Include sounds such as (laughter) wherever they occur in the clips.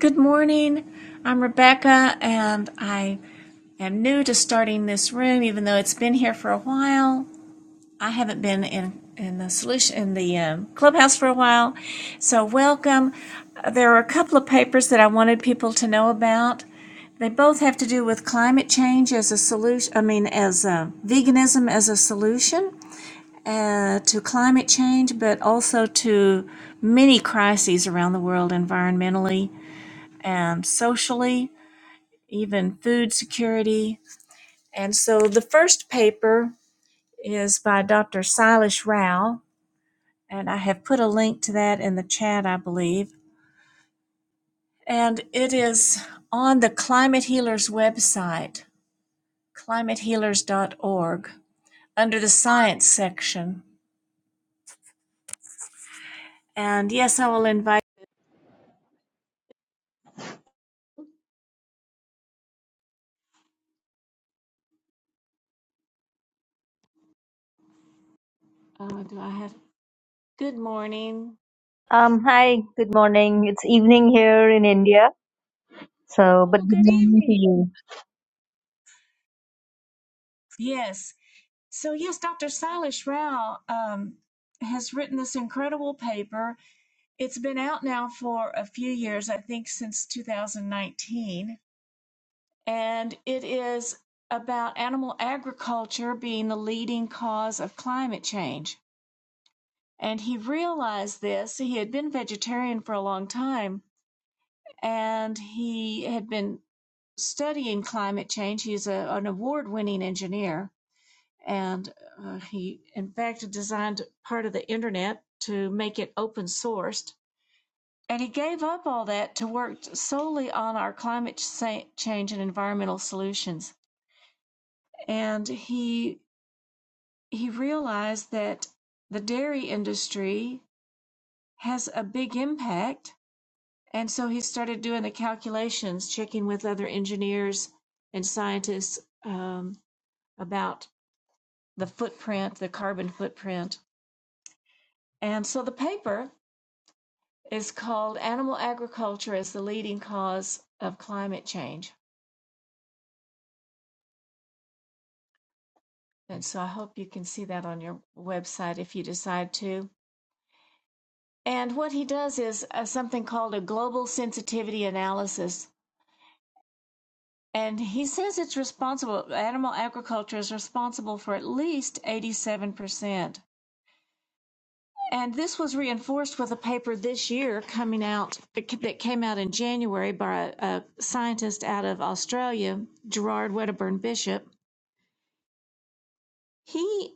Good morning. I'm Rebecca, and I am new to starting this room, even though it's been here for a while. I haven't been in in the solution in the um, clubhouse for a while, so welcome. Uh, There are a couple of papers that I wanted people to know about. They both have to do with climate change as a solution. I mean, as a, veganism as a solution uh, to climate change, but also to many crises around the world, environmentally and socially even food security. And so the first paper is by Dr. Silas Rao, and I have put a link to that in the chat, I believe. And it is on the Climate Healers website, climatehealers.org, under the science section. And yes, I will invite. Oh, do I have? Good morning. Um, hi, good morning. It's evening here in India, so but Oh, good good morning to evening. you. Yes. So, yes, Dr. Silas Rao um, has written this incredible paper It's been out now for a few years, I think since 2019, and it is about animal agriculture being the leading cause of climate change. And he realized this. He had been vegetarian for a long time, and he had been studying climate change. He's a, an award winning engineer, and uh, he, in fact, designed part of the internet to make it open sourced And he gave up all that to work solely on our climate change and environmental solutions. And he he realized that the dairy industry has a big impact, and so he started doing the calculations, checking with other engineers and scientists um, about the footprint, the carbon footprint. And so the paper is called "Animal Agriculture as the Leading Cause of Climate Change." And so I hope you can see that on your website if you decide to. And what he does is uh, something called a global sensitivity analysis. And he says it's responsible, animal agriculture is responsible for at least 87%. And this was reinforced with a paper this year coming out that came out in January by a, a scientist out of Australia, Gerard Wedderburn Bishop He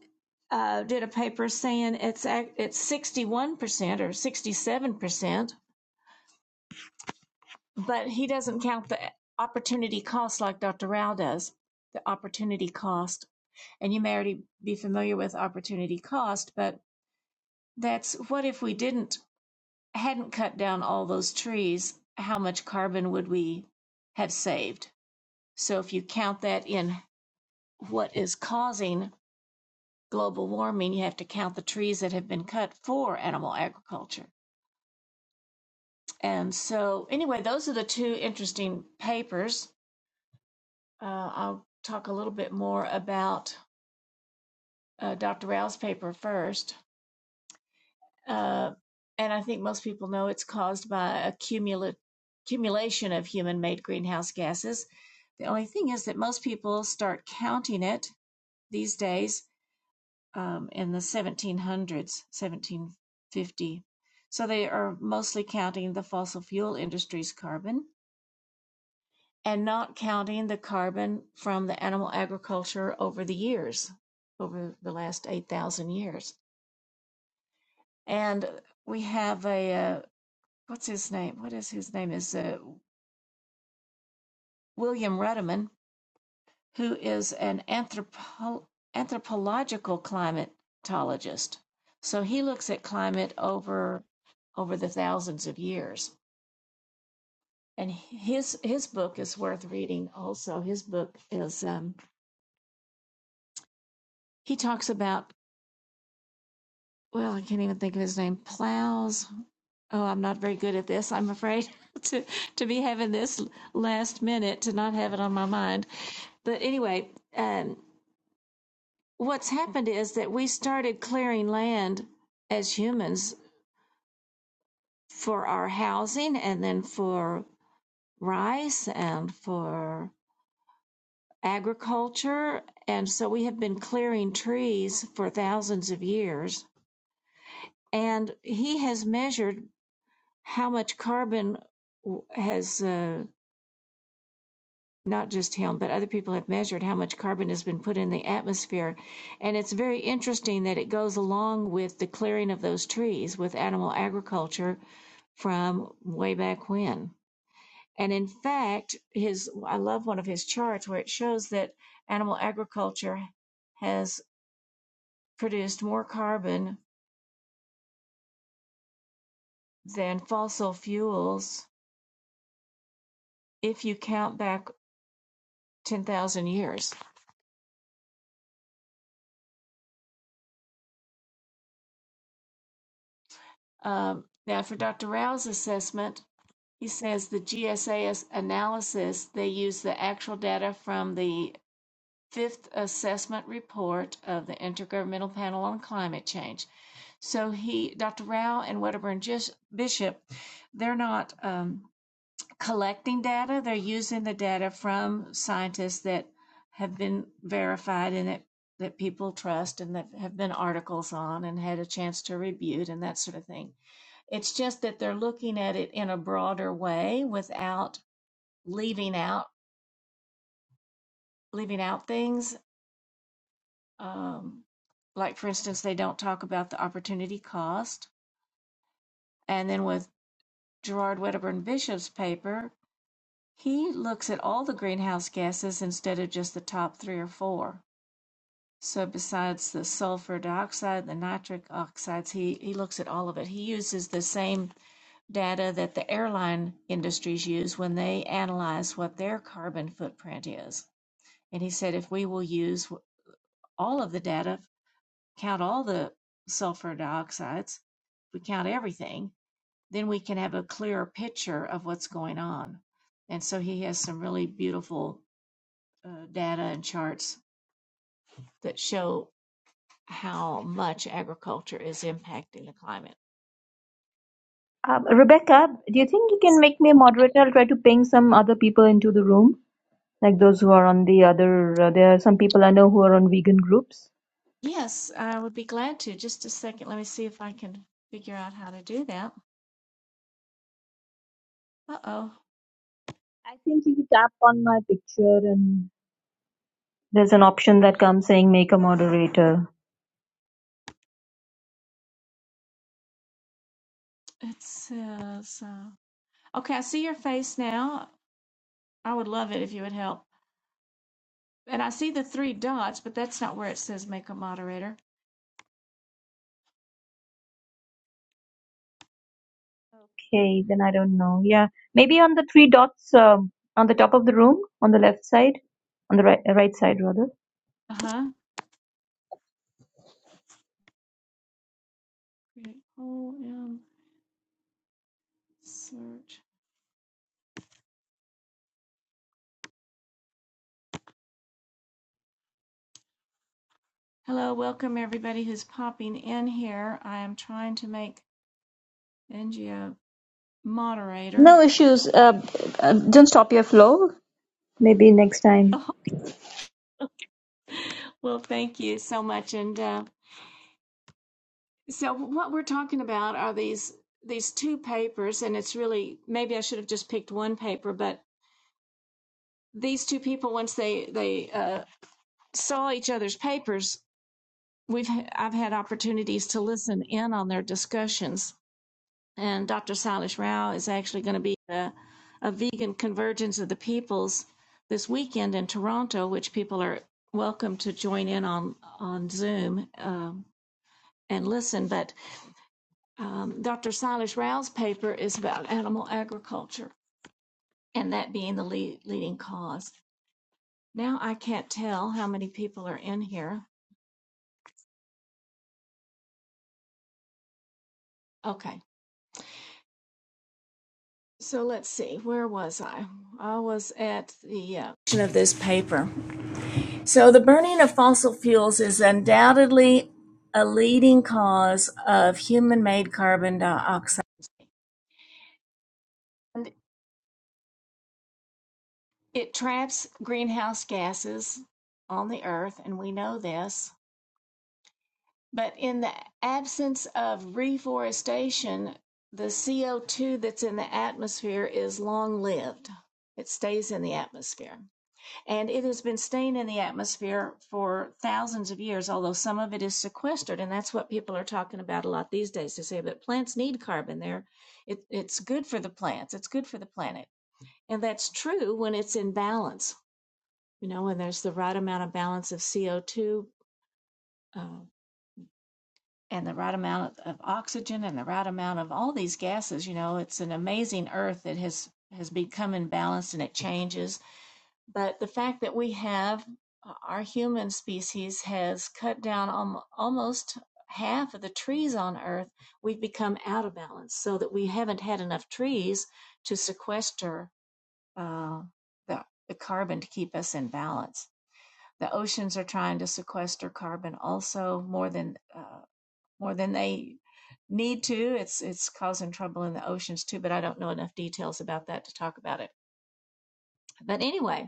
uh, did a paper saying it's it's 61% or 67%, but he doesn't count the opportunity cost like Dr. Rao does, the opportunity cost. And you may already be familiar with opportunity cost, but that's what if we didn't hadn't cut down all those trees, how much carbon would we have saved? So if you count that in what is causing global warming, you have to count the trees that have been cut for animal agriculture. And so, anyway, those are the two interesting papers. Uh, I'll talk a little bit more about uh, Dr. Rao's paper first. Uh, and I think most people know it's caused by accumula- accumulation of human made greenhouse gases. The only thing is that most people start counting it these days um, in the 1700s, 1750. So they are mostly counting the fossil fuel industry's carbon and not counting the carbon from the animal agriculture over the years, over the last 8,000 years. And we have a, uh, what's his name? What is his name? Is uh, William Rudiman, who is an anthropo- anthropological climatologist. So he looks at climate over over the thousands of years. And his his book is worth reading. Also, his book is um, he talks about well, I can't even think of his name. Plows. Oh, I'm not very good at this. I'm afraid (laughs) to to be having this last minute to not have it on my mind. But anyway, um, what's happened is that we started clearing land as humans for our housing and then for rice and for agriculture. And so we have been clearing trees for thousands of years. And he has measured how much carbon has. Uh, not just him, but other people have measured how much carbon has been put in the atmosphere. And it's very interesting that it goes along with the clearing of those trees with animal agriculture from way back when. And in fact, his I love one of his charts where it shows that animal agriculture has produced more carbon than fossil fuels if you count back 10,000 years. Um, now, for Dr. Rao's assessment, He says the GSA's analysis, they use the actual data from the fifth assessment report of the Intergovernmental Panel on Climate Change. So he, Dr. Rao and Wedderburn Jis- Bishop, they're not um, collecting data. They're using the data from scientists that have been verified and that, that people trust and that have been articles on and had a chance to review it and that sort of thing. It's just that they're looking at it in a broader way without leaving out leaving out things. Um, like for instance, they don't talk about the opportunity cost. And then with Gerard Wedderburn Bishop's paper, he looks at all the greenhouse gases instead of just the top three or four. So besides the sulfur dioxide, the nitric oxides, he, he looks at all of it. He uses the same data that the airline industries use when they analyze what their carbon footprint is. And he said, if we will use all of the data, count all the sulfur dioxides, we count everything, then we can have a clearer picture of what's going on. And so he has some really beautiful uh, data and charts that show how much agriculture is impacting the climate. Um, Rebecca, do you think you can make me a moderator? I'll try to ping some other people into the room, like those who are on the other. Uh, there are some people I know who are on vegan groups. Yes, I would be glad to. Just a second. Let me see if I can figure out how to do that. Uh oh. I think if you tap on my picture and there's an option that comes saying make a moderator. It says, uh, okay, I see your face now. I would love it if you would help. And I see the three dots, but that's not where it says make a moderator. Okay, then I don't know. Yeah, maybe on the three dots um, on the top of the room, on the left side, on the right, right side rather. Uh huh. Create OM search. Hello, welcome everybody who's popping in here. I am trying to make NGO moderator. No issues. Uh, uh, don't stop your flow. Maybe next time. Oh, (laughs) well, thank you so much. And uh, so, what we're talking about are these these two papers, and it's really maybe I should have just picked one paper, but these two people once they they uh, saw each other's papers we've i've had opportunities to listen in on their discussions and dr salish rao is actually going to be a, a vegan convergence of the peoples this weekend in toronto which people are welcome to join in on on zoom um, and listen but um, dr salish rao's paper is about animal agriculture and that being the lead, leading cause now i can't tell how many people are in here Okay, so let's see, where was I? I was at the uh, of this paper. So, the burning of fossil fuels is undoubtedly a leading cause of human made carbon dioxide. And it traps greenhouse gases on the earth, and we know this. But in the absence of reforestation, the CO2 that's in the atmosphere is long lived, it stays in the atmosphere. And it has been staying in the atmosphere for thousands of years, although some of it is sequestered. And that's what people are talking about a lot these days. They say that plants need carbon. They're, it, it's good for the plants, it's good for the planet. And that's true when it's in balance, you know, when there's the right amount of balance of CO2 uh, and the right amount of, of oxygen and the right amount of all these gases. You know, it's an amazing earth that has, has become imbalanced and it changes But the fact that we have uh, our human species has cut down alm- almost half of the trees on Earth, we've become out of balance so that we haven't had enough trees to sequester uh, the, the carbon to keep us in balance. The oceans are trying to sequester carbon also more than uh, more than they need to. It's it's causing trouble in the oceans too, but I don't know enough details about that to talk about it. But anyway,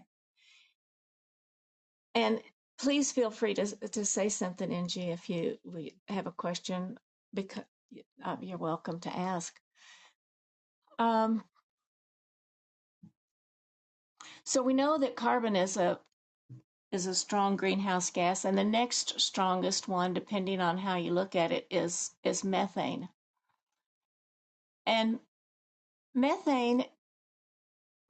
And please feel free to to say something, Ng, if you we have a question. Because uh, you're welcome to ask. Um, so we know that carbon is a is a strong greenhouse gas, and the next strongest one, depending on how you look at it, is is methane. And methane,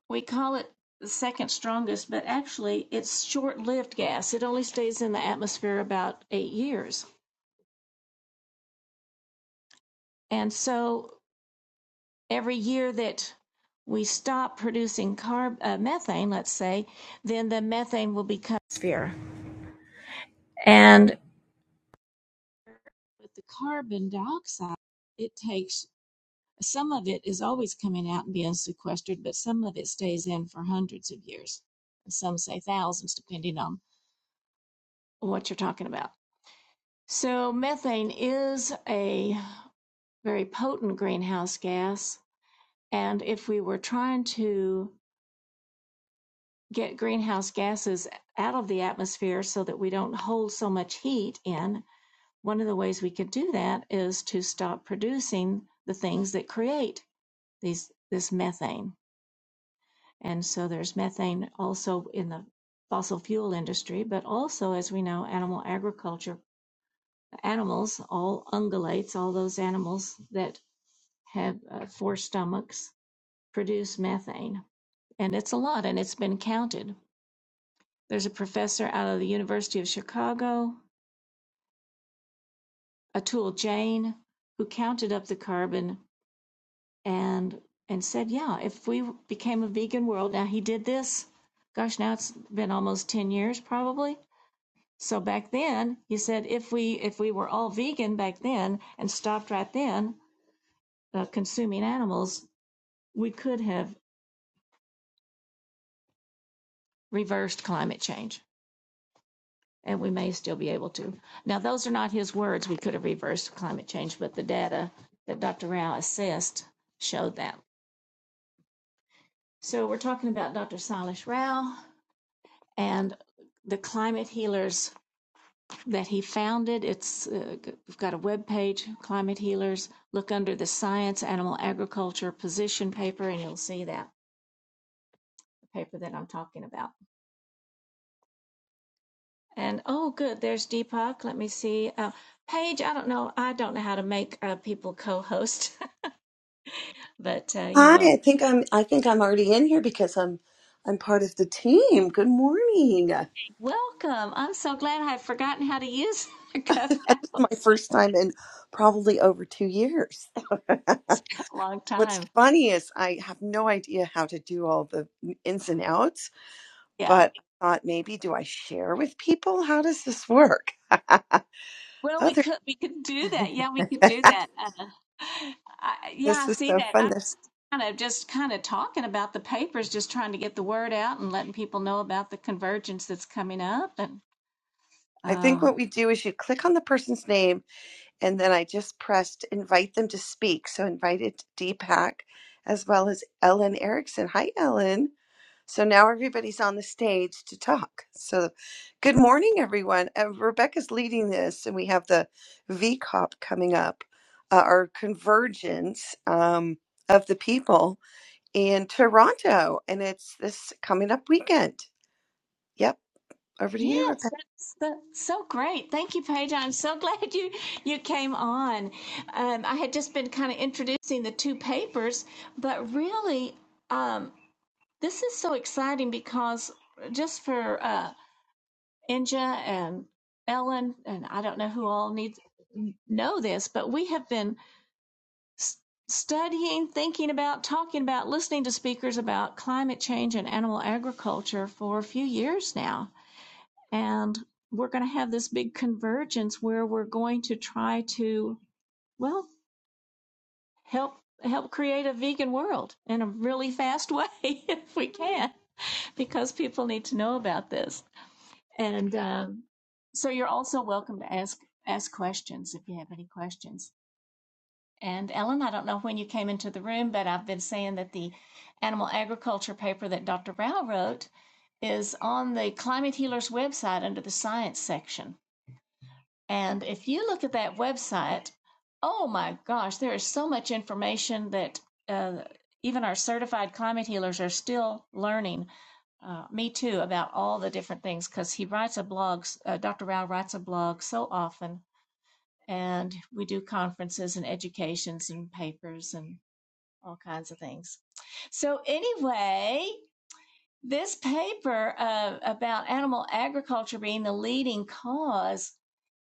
we call it the second strongest, but actually it's short lived gas. It only stays in the atmosphere about eight years. And so every year that we stop producing carb uh, methane, let's say, then the methane will become sphere. And with the carbon dioxide, it takes some of it is always coming out and being sequestered, but some of it stays in for hundreds of years. some say thousands, depending on what you're talking about. So methane is a very potent greenhouse gas. And if we were trying to get greenhouse gases out of the atmosphere so that we don't hold so much heat in, one of the ways we could do that is to stop producing the things that create these this methane. And so there's methane also in the fossil fuel industry, but also, as we know, animal agriculture, animals, all ungulates, all those animals that have uh, four stomachs produce methane. And it's a lot, and it's been counted. There's a professor out of the University of Chicago, Atul Jain, who counted up the carbon and and said, yeah, if we became a vegan world, now he did this. Gosh, now it's been almost ten years probably. So back then, he said, if we if we were all vegan back then and stopped right then uh, consuming animals, we could have reversed climate change. and we may still be able to. Now, those are not his words. We could have reversed climate change, but the data that Dr. Rao assessed showed that. So we're talking about Dr. Silas Rao and the climate healers that he founded. It's uh, we've got a web page, Climate Healers. Look under the Science Animal Agriculture position paper, and you'll see that the paper that I'm talking about. And oh, good, there's Deepak. Let me see. Uh, Paige, I don't know. I don't know how to make uh, people co-host. But uh, you're Hi, welcome. I think I'm I think I'm already in here because I'm I'm part of the team. Good morning. (laughs) Welcome. I'm so glad I've forgotten how to use (laughs) the This is my clubhouse. first time in probably over 2 years. It's (laughs) been a long What's time. funny is I have no idea how to do all the ins and outs, Yeah. but I thought maybe do I share with people? How does this work? (laughs) Well, we Other could we could do that. Yeah, we (laughs) could do that. Uh, I, yeah, I this is see so that. fun. I'm This just kind of just kind of talking about the papers, just trying to get the word out and letting people know about the convergence that's coming up and. I think um, what we do is you click on the person's name And then I just pressed invite them to speak. So invited Deepak as well as Ellen Erickson. Hi, Ellen. So now everybody's on the stage to talk. So good morning, everyone. Uh, Rebecca's leading this, and we have the VCOP coming up, uh, our convergence um, of the people in Toronto. And it's this coming up weekend. Yep. Over to you, Rebecca. Yes, that's, that's so great. Thank you, Paige. I'm so (laughs) glad you you came on. Um, I had just been kind of introducing the two papers, but really, um, this is so exciting because just for uh, Inja and Ellen, and I don't know who all needs know this, but we have been s- studying, thinking about, talking about, listening to speakers about climate change and animal agriculture for a few years now and we're going to have this big convergence where we're going to try to, well, help help create a vegan world in a really fast way (laughs) if we can, because people need to know about this. And um, so you're also welcome to ask ask questions if you have any questions. And Ellen, I don't know when you came into the room, but I've been saying that the animal agriculture paper that Dr. Rao wrote is on the Climate Healers website under the science section. And if you look at that website, oh my gosh, there is so much information that uh, even our certified climate healers are still learning. Uh, me too about all the different things because he writes a blog. Uh, Dr. Rao writes a blog so often, and we do conferences and educations and papers and all kinds of things. So anyway, this paper uh, about animal agriculture being the leading cause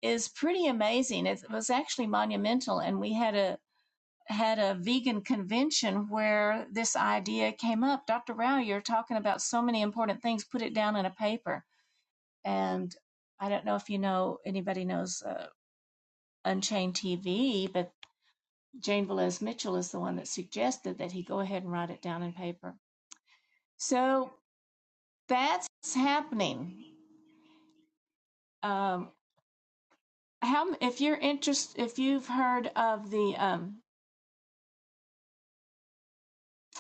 is pretty amazing. It was actually monumental, and we had a had a vegan convention where this idea came up. Dr. Rao, you're talking about so many important things. Put it down in a paper. And I don't know if you know anybody knows uh, Unchained TV, but Jane Velez Mitchell is the one that suggested that he go ahead and write it down in paper. So that's happening. Um, how if you're interested if you've heard of the um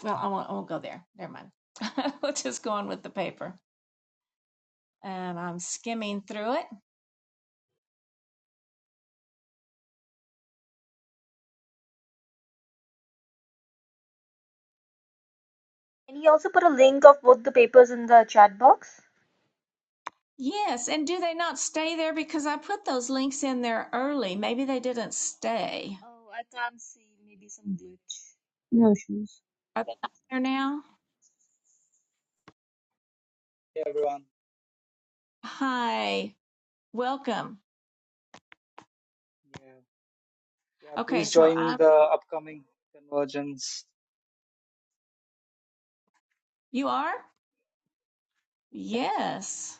well i won't, I won't go there never mind (laughs) we'll just go on with the paper and i'm skimming through it Any of both the pages in the chat box? yes and do they not stay there because i put those links in there early maybe they didn't stay Oh, some glue. No issues. are they not there now Hey everyone. hi welcome Yeah, yeah. okay Please so join i'm the upcoming convergence. you are yes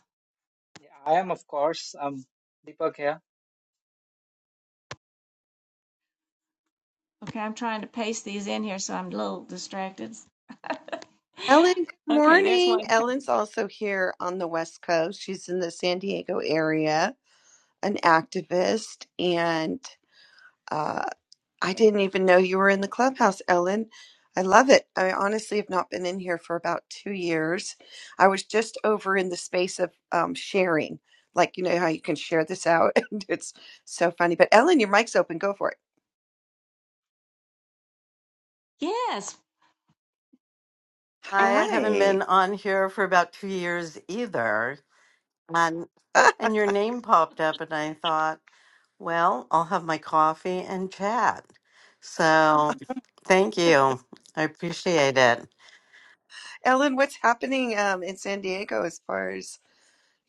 Yeah, I am, of course. I'm Deepak here. okay i'm trying to paste these in here so i'm a little distracted Ellen, good (laughs) okay there's morning. one Ellen's also here on the West Coast. She's in the San Diego area, an activist. And uh, I didn't even know you were in the clubhouse, Ellen. I love it. I honestly have not been in here for about two years. I was just over in the space of um, sharing, like, you know, how you can share this out. (laughs) And it's so funny. But Ellen, your mic's open. Go for it. yes Right I haven't been Hi. on here for about two years either. And (laughs) and your name popped up and I thought, well, I'll have my coffee and chat. So thank you. I appreciate it. Ellen, what's happening um, in San Diego as far as?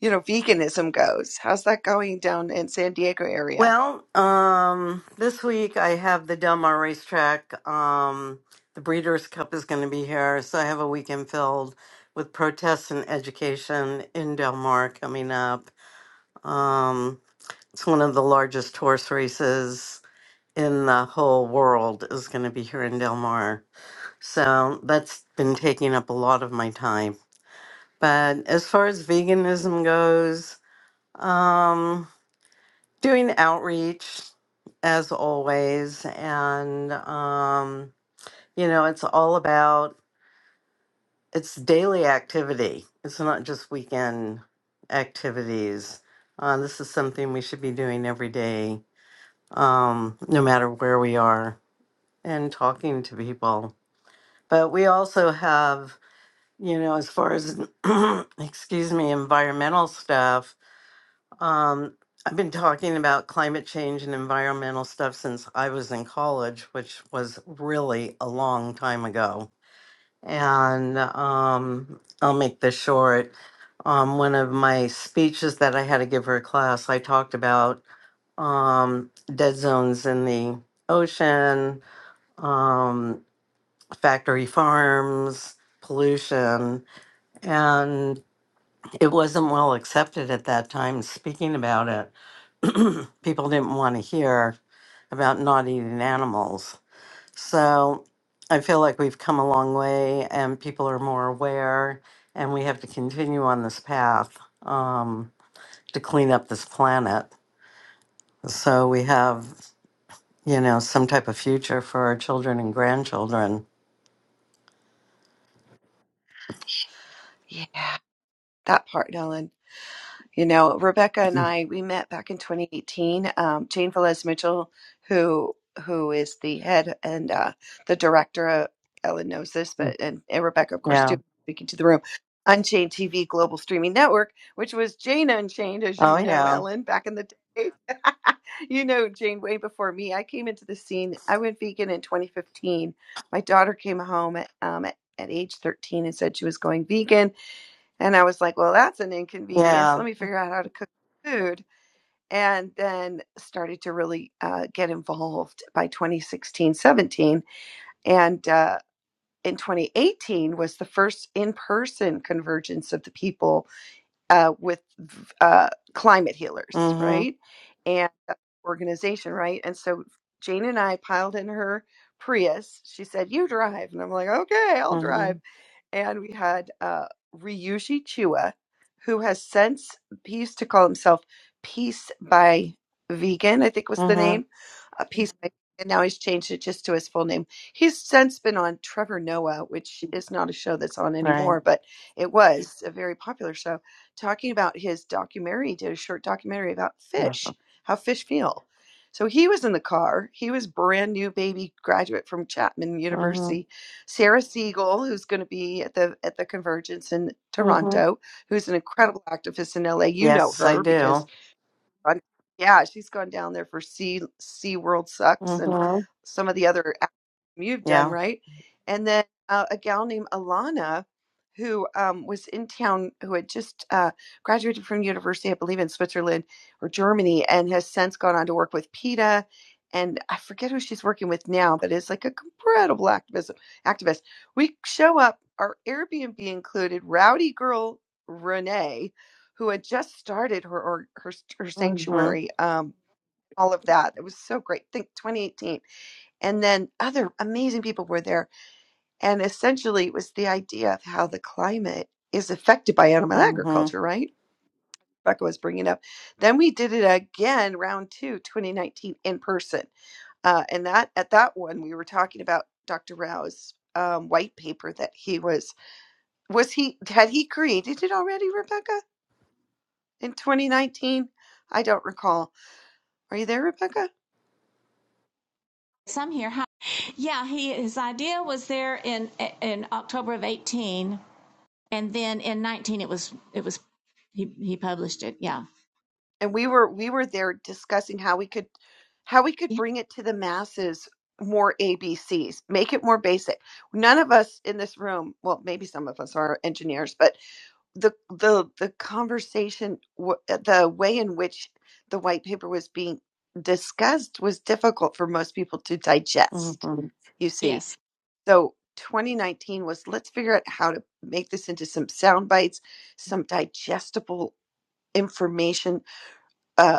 you know, veganism goes. How's that going down in San Diego area? Well, um, this week I have the Del Mar racetrack. Um, the Breeders' Cup is going to be here, so I have a weekend filled with protests and education in Del Mar coming up. Um, it's one of the largest horse races in the whole world is going to be here in Del Mar. So that's been taking up a lot of my time. But as far as veganism goes, um, doing outreach as always. And, um, you know, it's all about it's daily activity, it's not just weekend activities. Uh, this is something we should be doing every day, um, no matter where we are, and talking to people. But we also have, you know, as far as, (clears throat) excuse me, environmental stuff, um, I've been talking about climate change and environmental stuff since I was in college, which was really a long time ago. And um, I'll make this short. Um, one of my speeches that I had to give for a class, I talked about um, dead zones in the ocean, um, factory farms, pollution, and it wasn't well accepted at that time speaking about it. People didn't want to hear about not eating animals. So I feel like we've come a long way and people are more aware, and we have to continue on this path um, to clean up this planet. So we have, you know, some type of future for our children and grandchildren. Yeah, that part, Ellen. You know, Rebecca and I we met back in 2018. Um, Jane Velez Mitchell, who who is the head and uh, the director, of, Ellen knows this, Mm, but and, and Rebecca, of course, Yeah. too, speaking to the room. Unchained TV Global Streaming Network, which was Jane Unchained, as Oh, you know, yeah. Ellen, back in the day. (laughs) you know, Jane, way before me. I came into the scene. I went vegan in 2015. My daughter came home um, at, at age 13 and said she was going vegan and I was like, well, that's an inconvenience. Yeah. Let me figure out how to cook food. And then started to really uh, get involved by 2016, 17. And uh, in 2018 was the first in person convergence of the people uh, with uh, climate healers, Mm right? And organization, right? And so Jane and I piled in her Prius. She said, You drive. And I'm like, Okay, I'll hmm. drive and we had uh, Ryuji Chua, who has since he used to call himself Peace by Vegan, I think was the Mm-hmm. name, uh, Peace by and now he's changed it just to his full name. He's since been on Trevor Noah, which is not a show that's on Right. anymore, but it was a very popular show, talking about his documentary, he did a short documentary about fish, how fish feel. So he was in the car. He was brand new baby graduate from Chapman Mm-hmm. University Sarah Siegel, who's going to be at the at the Convergence in Mm-hmm. Toronto, who's an incredible activist in LA. You know Yes, I her because do. gone- yeah, she's gone down there for Sea Sea World Sucks and Mm-hmm. some of the other acts you've done, Yeah. right? And then uh, a gal named Alana, who um, was in town, who had just uh, graduated from university, I believe, in Switzerland or Germany, and has since gone on to work with PETA. And I forget who she's working with now, but it's like a incredible activism activist. We show up, our Airbnb included, rowdy girl Renee who had just started her or her, her Mm-hmm. sanctuary um all of that it was so great think 2018 and then other amazing people were there and essentially it was the idea of how the climate is affected by animal Mm-hmm. agriculture right Rebecca was bringing up then we did it again round two 2019 in person uh, and that at that one we were talking about dr rao's um, white paper that he was was he had he created it already rebecca in 2019 i don't recall Are you there, Rebecca? Some here. Hi. Yeah, he his idea was there in in October of eighteen, and then in nineteen it was it was he he published it. Yeah. And we were we were there discussing how we could how we could yeah. bring it to the masses more ABCs, make it more basic. None of us in this room, well, maybe some of us are engineers, but the the the conversation w- uh, the way in which the white paper was being discussed was difficult for most people to digest Mm-hmm. you see Yes. so 2019 was let's figure out how to make this into some sound bites some digestible information uh,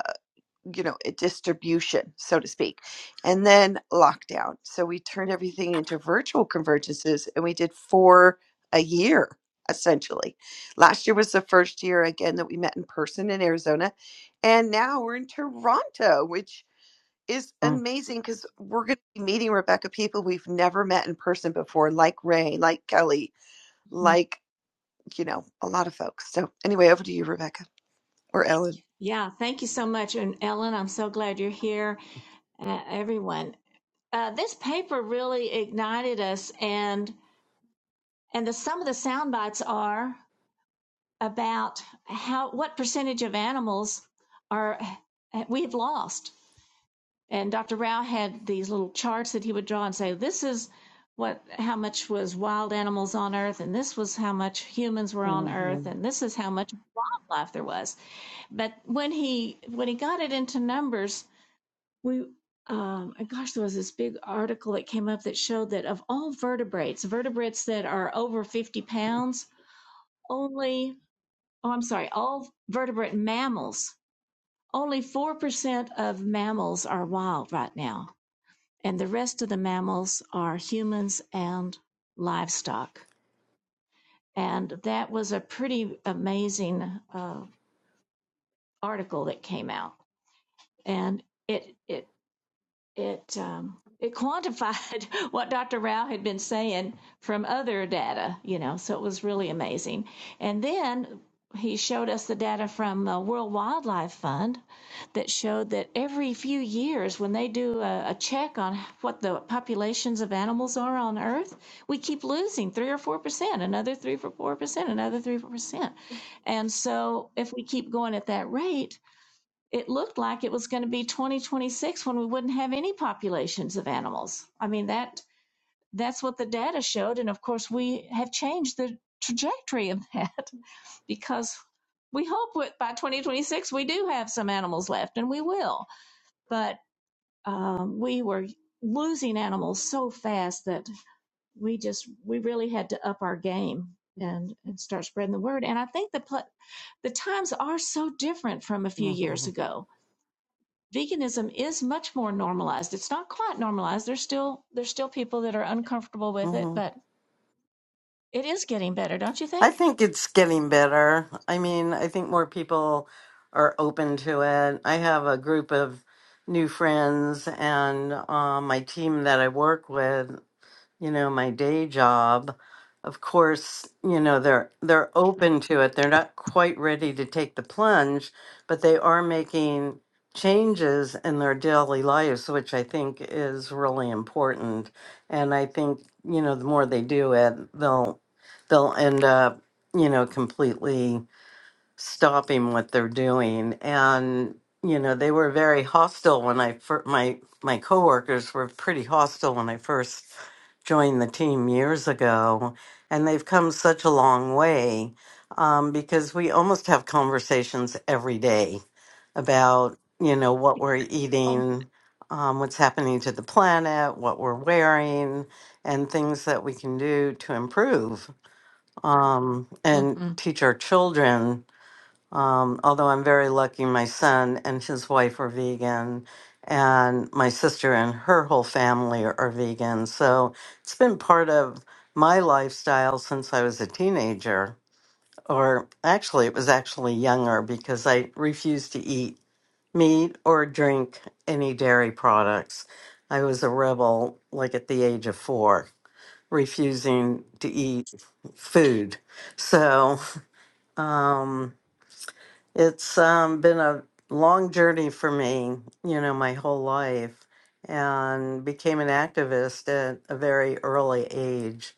you know, a distribution, so to speak, and then lockdown. So we turned everything into virtual convergences and we did four a year essentially. Last year was the first year again that we met in person in Arizona. And now we're in Toronto, which is Mm-hmm. amazing because we're going to be meeting Rebecca people we've never met in person before, like Ray, like Kelly, Mhm. like, you know, a lot of folks. So, anyway, over to you, Rebecca or Ellen. Yeah. Thank you so much, and Ellen, I'm so glad you're here, uh, everyone. Uh, this paper really ignited us, and and the some of the sound bites are about how what percentage of animals are we've lost And Dr. Rao had these little charts that he would draw and say, this is what, how much was wild animals on Earth, and this was how much humans were on Earth, and this is how much life there was. But when he when he got it into numbers, we um, and gosh, there was this big article that came up that showed that of all vertebrates, vertebrates that are over fifty pounds, only oh I'm sorry, all vertebrate mammals, only four percent of mammals are wild right now and the rest of the mammals are humans and livestock. And that was a pretty amazing uh, article that came out, and it, it it um, it quantified (laughs) what Dr. Rao had been saying from other data, you know, so it was really amazing. And then he showed us the data from the World Wildlife Fund that showed that every few years, when they do a, a check on what the populations of animals are on Earth, we keep losing three or four percent, another three or four percent, another three or four percent. And so, if we keep going at that rate, it looked like it was going to be 2026 when we wouldn't have any populations of animals. I mean that that's what the data showed and of course we have changed the trajectory of that (laughs) because we hope with, by 2026 we do have some animals left and we will. But um, we were losing animals so fast that we just we really had to up our game and and start spreading the word and I think the the times are so different from a few Mm-hmm. years ago veganism is much more normalized. It's not quite normalized. There's still there's still people that are uncomfortable with it, mm-hmm. but it is getting better, don't you I think? think it's getting better. I mean, I think more people are open to it. I have a group of new friends and um, my team that I work with. you know, my day job, of course, you know, they're they're open to it. They're not quite ready to take the plunge, but they are making changes in their daily lives, which I think is really important. And I think, you know, the more they do it, they'll they'll end up, you know, completely stopping what they're doing and you know they were very hostile when i fir- my my coworkers were pretty hostile when i first joined the team years ago and they've come such a long way um, because we almost have conversations every day about you know what we're Oh, eating um, what's happening to the planet what we're wearing and things that we can do to improve um, and hmm teach our children um, although I'm very lucky, my son and his wife are vegan, and my sister and her whole family are, are vegan. So it's been part of my lifestyle since I was a teenager, or actually, it was actually younger because I refused to eat meat or drink any dairy products. I was a rebel, like at the age of four, refusing to eat food. So, um, it's um, been a long journey for me, you know, my whole life, and became an activist at a very early age,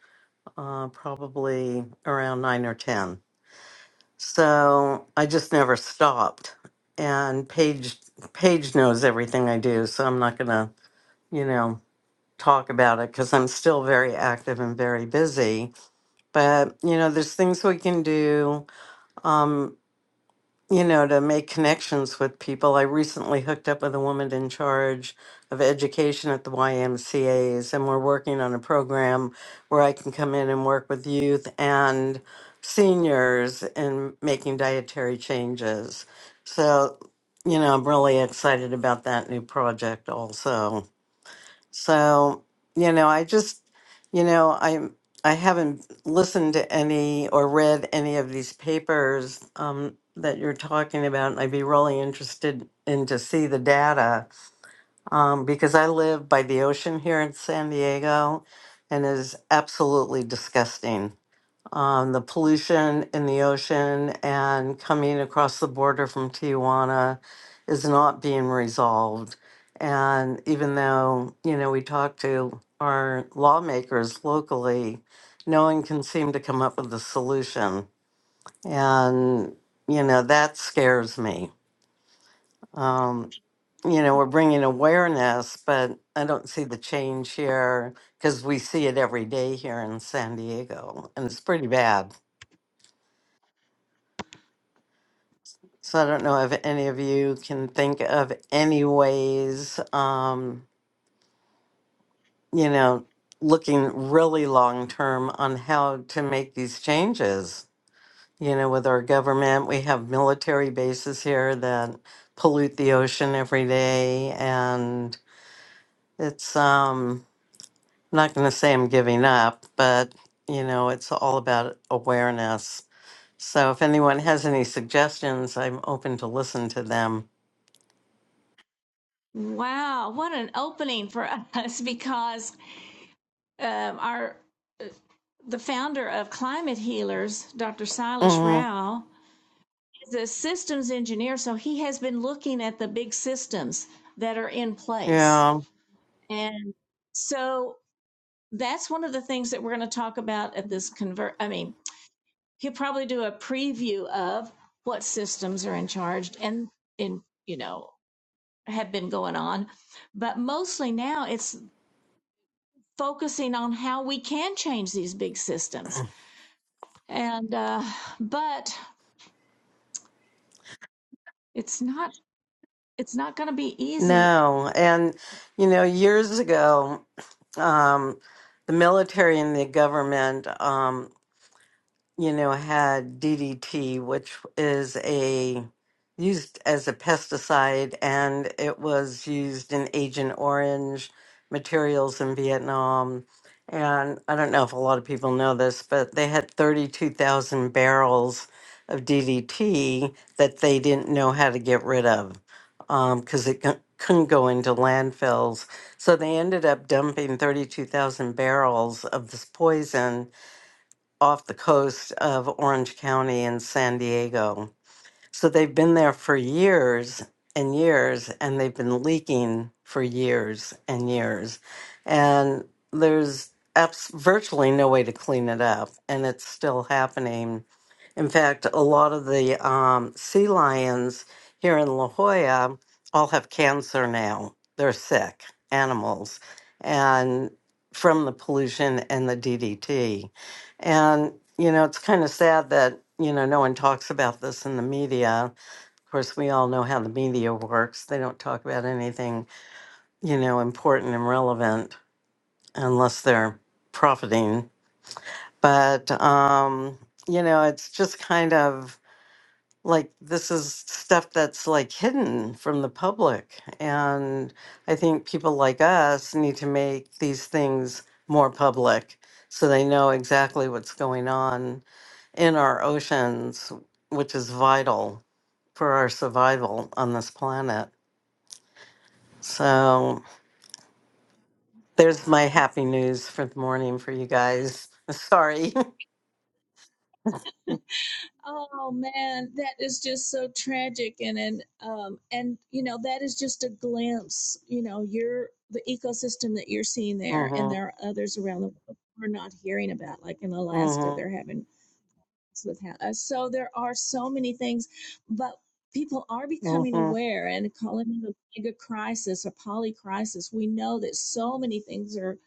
uh, probably around nine or 10. So I just never stopped. And Paige, Paige knows everything I do, so I'm not going to, you know, talk about it because I'm still very active and very busy. But, you know, there's things we can do. Um, you know, to make connections with people. I recently hooked up with a woman in charge of education at the YMCAs, and we're working on a program where I can come in and work with youth and seniors in making dietary changes. So, you know, I'm really excited about that new project also. So, you know, I just, you know, I'm I i have not listened to any or read any of these papers um, that you're talking about, and I'd be really interested in to see the data um, because I live by the ocean here in San Diego, and it is absolutely disgusting um, the pollution in the ocean and coming across the border from Tijuana is not being resolved. And even though, you know, we talk to our lawmakers locally, no one can seem to come up with a solution. And, you know, that scares me. Um, you know, we're bringing awareness, but I don't see the change here because we see it every day here in San Diego, and it's pretty bad. So I don't know if any of you can think of any ways, um, you know, looking really long term on how to make these changes. You know, with our government, we have military bases here that pollute the ocean every day, and it's um, I'm not going to say I'm giving up, but you know, it's all about awareness. So if anyone has any suggestions, I'm open to listen to them. wow! What an opening for (laughs) us because um, our uh, the founder of Climate Healers, Dr. Silas hmm Rao. is a systems engineer, so he has been looking at the big systems that are in place. Yeah. And so that's one of the things that we're going to talk about at this convert. I mean, he'll probably do a preview of what systems are in charge and in, you know, have been going on. But mostly now it's focusing on how we can change these big systems. And, uh, but it's not, it's not going to be easy. No, and you know, years ago, um, the military and the government, um, you know, had DDT, which is a used as a pesticide, and it was used in Agent Orange materials in Vietnam. And I don't know if a lot of people know this, but they had 32,000 barrels of DDT that they didn't know how to get rid of because it cou- couldn't go into landfills. So they ended up dumping 32,000 barrels of this poison off the coast of Orange County and San Diego. So they've been there for years and years, and they've been leaking for years and years. And there's abs- virtually no way to clean it up, and it's still happening. In fact, a lot of the um, sea lions here in La Jolla all have cancer now. They're sick animals, and from the pollution and the DDT. And, you know, it's kind of sad that, you know, no one talks about this in the media. Of course, we all know how the media works. They don't talk about anything, you know, important and relevant unless they're profiting. But, um, you know, it's just kind of like this is stuff that's like hidden from the public and i think people like us need to make these things more public so they know exactly what's going on in our oceans which is vital for our survival on this planet so there's my Wow. happy news for the morning for you guys (laughs) sorry Oh man, that is just so tragic and and um and you know that is just a glimpse. You know, you're the ecosystem that you're seeing (laughs) there, and mhm there are others around the world we're not hearing about. Like in Alaska, mhm they're having this with ha- uh, so there are so many things, but people are becoming mhm aware and calling it a mega crisis a poly crisis. We know that so many things are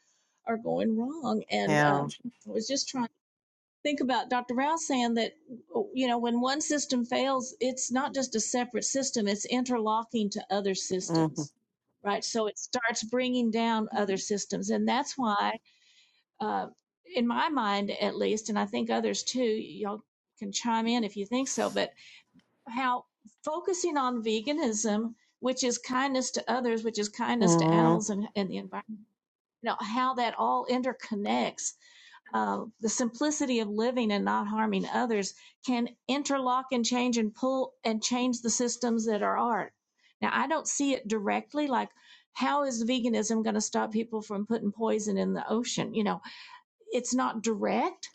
are going wrong, and yeah um, I was just trying think about Dr. Rouse saying that, oh, you know, when one system fails, it's not just a separate system, it's interlocking to other mhm systems, right? So it starts bringing down other systems. And that's why, uh, in my mind at least, and I think others too, y'all can chime in if you think so, but how focusing on veganism, which is kindness to others, which is kindness to mhm animals and, and the environment, you know, how that all interconnects uh, the simplicity of living and not harming others can interlock and change and pull and change the systems that are art. Now, I don't see it directly, like how is veganism going to stop people from putting poison in the ocean? You know, it's not direct,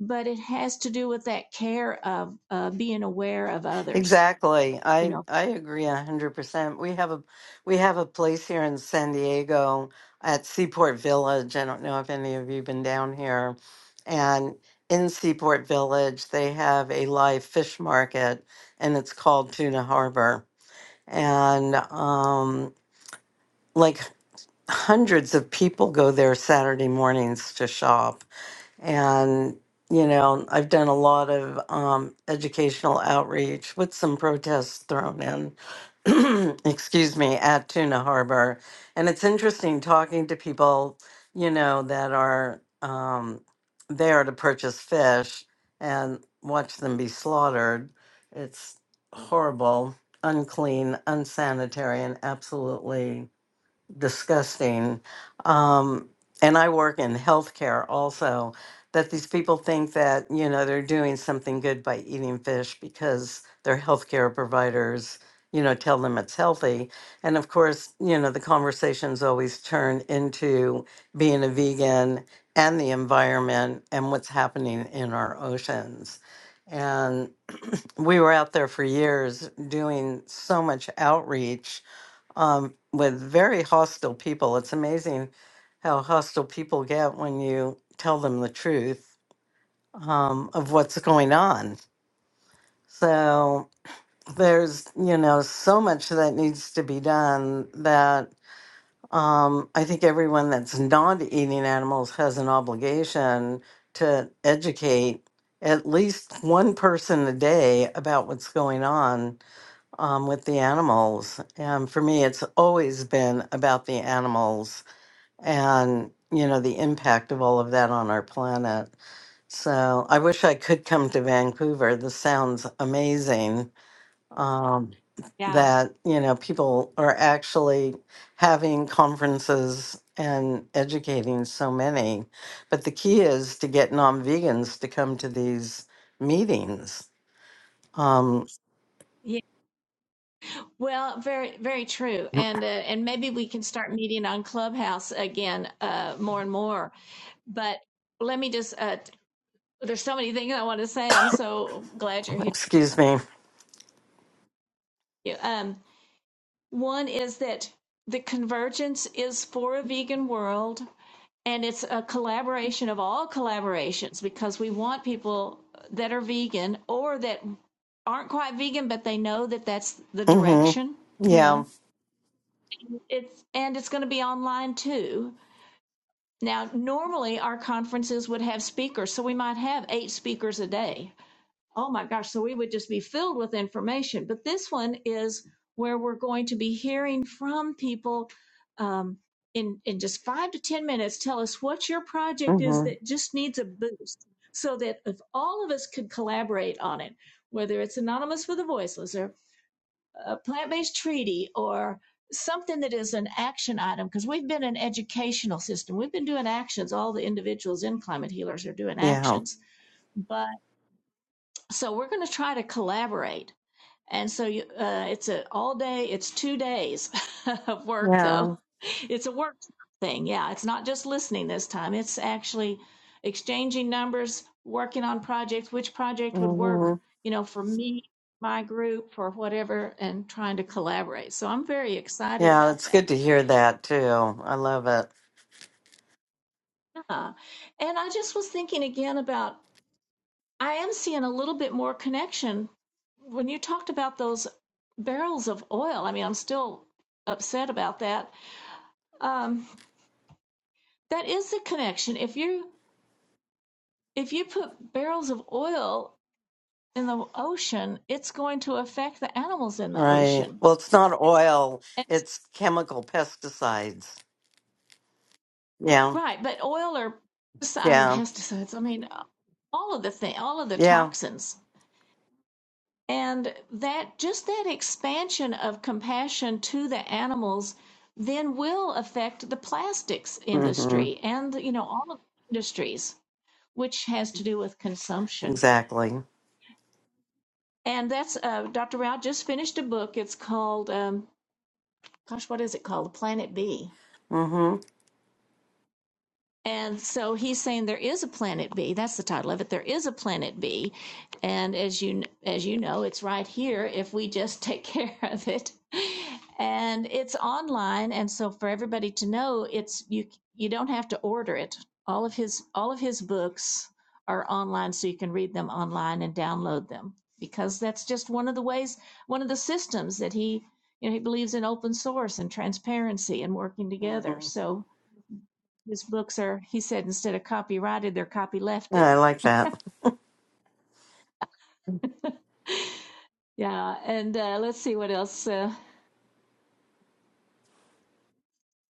but it has to do with that care of uh, being aware of others. Exactly. You I know, I agree a hundred percent. We have a we have a place here in San Diego at Seaport Village. I don't know if any of you been down here. And in Seaport Village they have a live fish market and it's called Tuna Harbor. And um like hundreds of people go there Saturday mornings to shop and, you know, I've done a lot of um, educational outreach with some protests thrown in, (clears throat) excuse me, at Tuna Harbor. And it's interesting talking to people, you know, that are um, there to purchase fish and watch them be slaughtered. It's horrible, unclean, unsanitary, and absolutely disgusting. Um, and I work in healthcare also, that these people think that, you know, they're doing something good by eating fish because their healthcare providers, you know, tell them it's healthy. And of course, you know, the conversations always turn into being a vegan and the environment and what's happening in our oceans. And we were out there for years doing so much outreach um, with very hostile people. It's amazing how hostile people get when you tell them the truth um, of what's going on. So there's, you know, so much that needs to be done that um, I think everyone that's not eating animals has an obligation to educate at least one person a day about what's going on um, with the animals. And for me, it's always been about the animals and, you know, the impact of all of that on our planet. So I wish I could come to Vancouver. This sounds amazing. Um, yeah, that, you know, people are actually having conferences and educating so many. But the key is to get non vegans to come to these meetings. Um, Yeah. Well, very, very true, and uh, and maybe we can start meeting on Clubhouse again uh, more and more. But let me just uh, there's so many things I want to say. I'm so glad you're (laughs) here. excuse me. Yeah, Um, one is that the convergence is for a vegan world, and it's a collaboration of all collaborations because we want people that are vegan or that aren't quite vegan, but they know that that's the hmm direction. You Yeah. know, it's and it's going to be online too Now, normally our conferences would have speakers, so we might have eight speakers a day. Oh my gosh, so we would just be filled with information. But this one is where we're going to be hearing from people um, in, in just five to 10 minutes. Tell us what your project is hmm that just needs a boost so that if all of us could collaborate on it, whether it's Anonymous with the Voiceless or a plant-based treaty or something that is an action item because we've been an educational system we've been doing actions all the individuals in climate healers are doing Yeah. actions but so we're going to try to collaborate. And so you, uh, it's a all day, it's two days (laughs) of work though. Yeah. It's a work thing. Yeah. It's not just listening this time. It's actually exchanging numbers, working on projects, which project would hmm work, you know, for me, my group for whatever, and trying to collaborate. So I'm very excited Yeah. about It's that. good to hear that too. I love it. Yeah. And I just was thinking again about I am seeing a little bit more connection when you talked about those barrels of oil. I mean, I'm still upset about that. Um, that is the connection. If you if you put barrels of oil in the ocean, it's going to affect the animals in the Right. ocean. Well, it's not oil, And, it's chemical pesticides. Yeah. right, but oil or pesticides, Yeah. pesticides. I mean, all of the thing, all of the Yeah. toxins. And that just that expansion of compassion to the animals then will affect the plastics hmm industry and you know all of the industries, which has to do with consumption. Exactly. And that's uh, Dr. Rao just finished a book. It's called, um, gosh, what is it called? Planet B hmm And so he's saying there is a planet B. That's the title of it. There is a planet B, and as you as you know, it's right here if we just (laughs) take care of it. And it's online, and so for everybody to know, it's you you don't have to order it. All of his all of his books are online, so you can read them online and download them because that's just one of the ways, one of the systems that he you know he believes in open source and transparency and working together. hmm So his books are he said instead of copyrighted they're copylefted Yeah, I like that. (laughs) yeah and uh, let's see what else uh,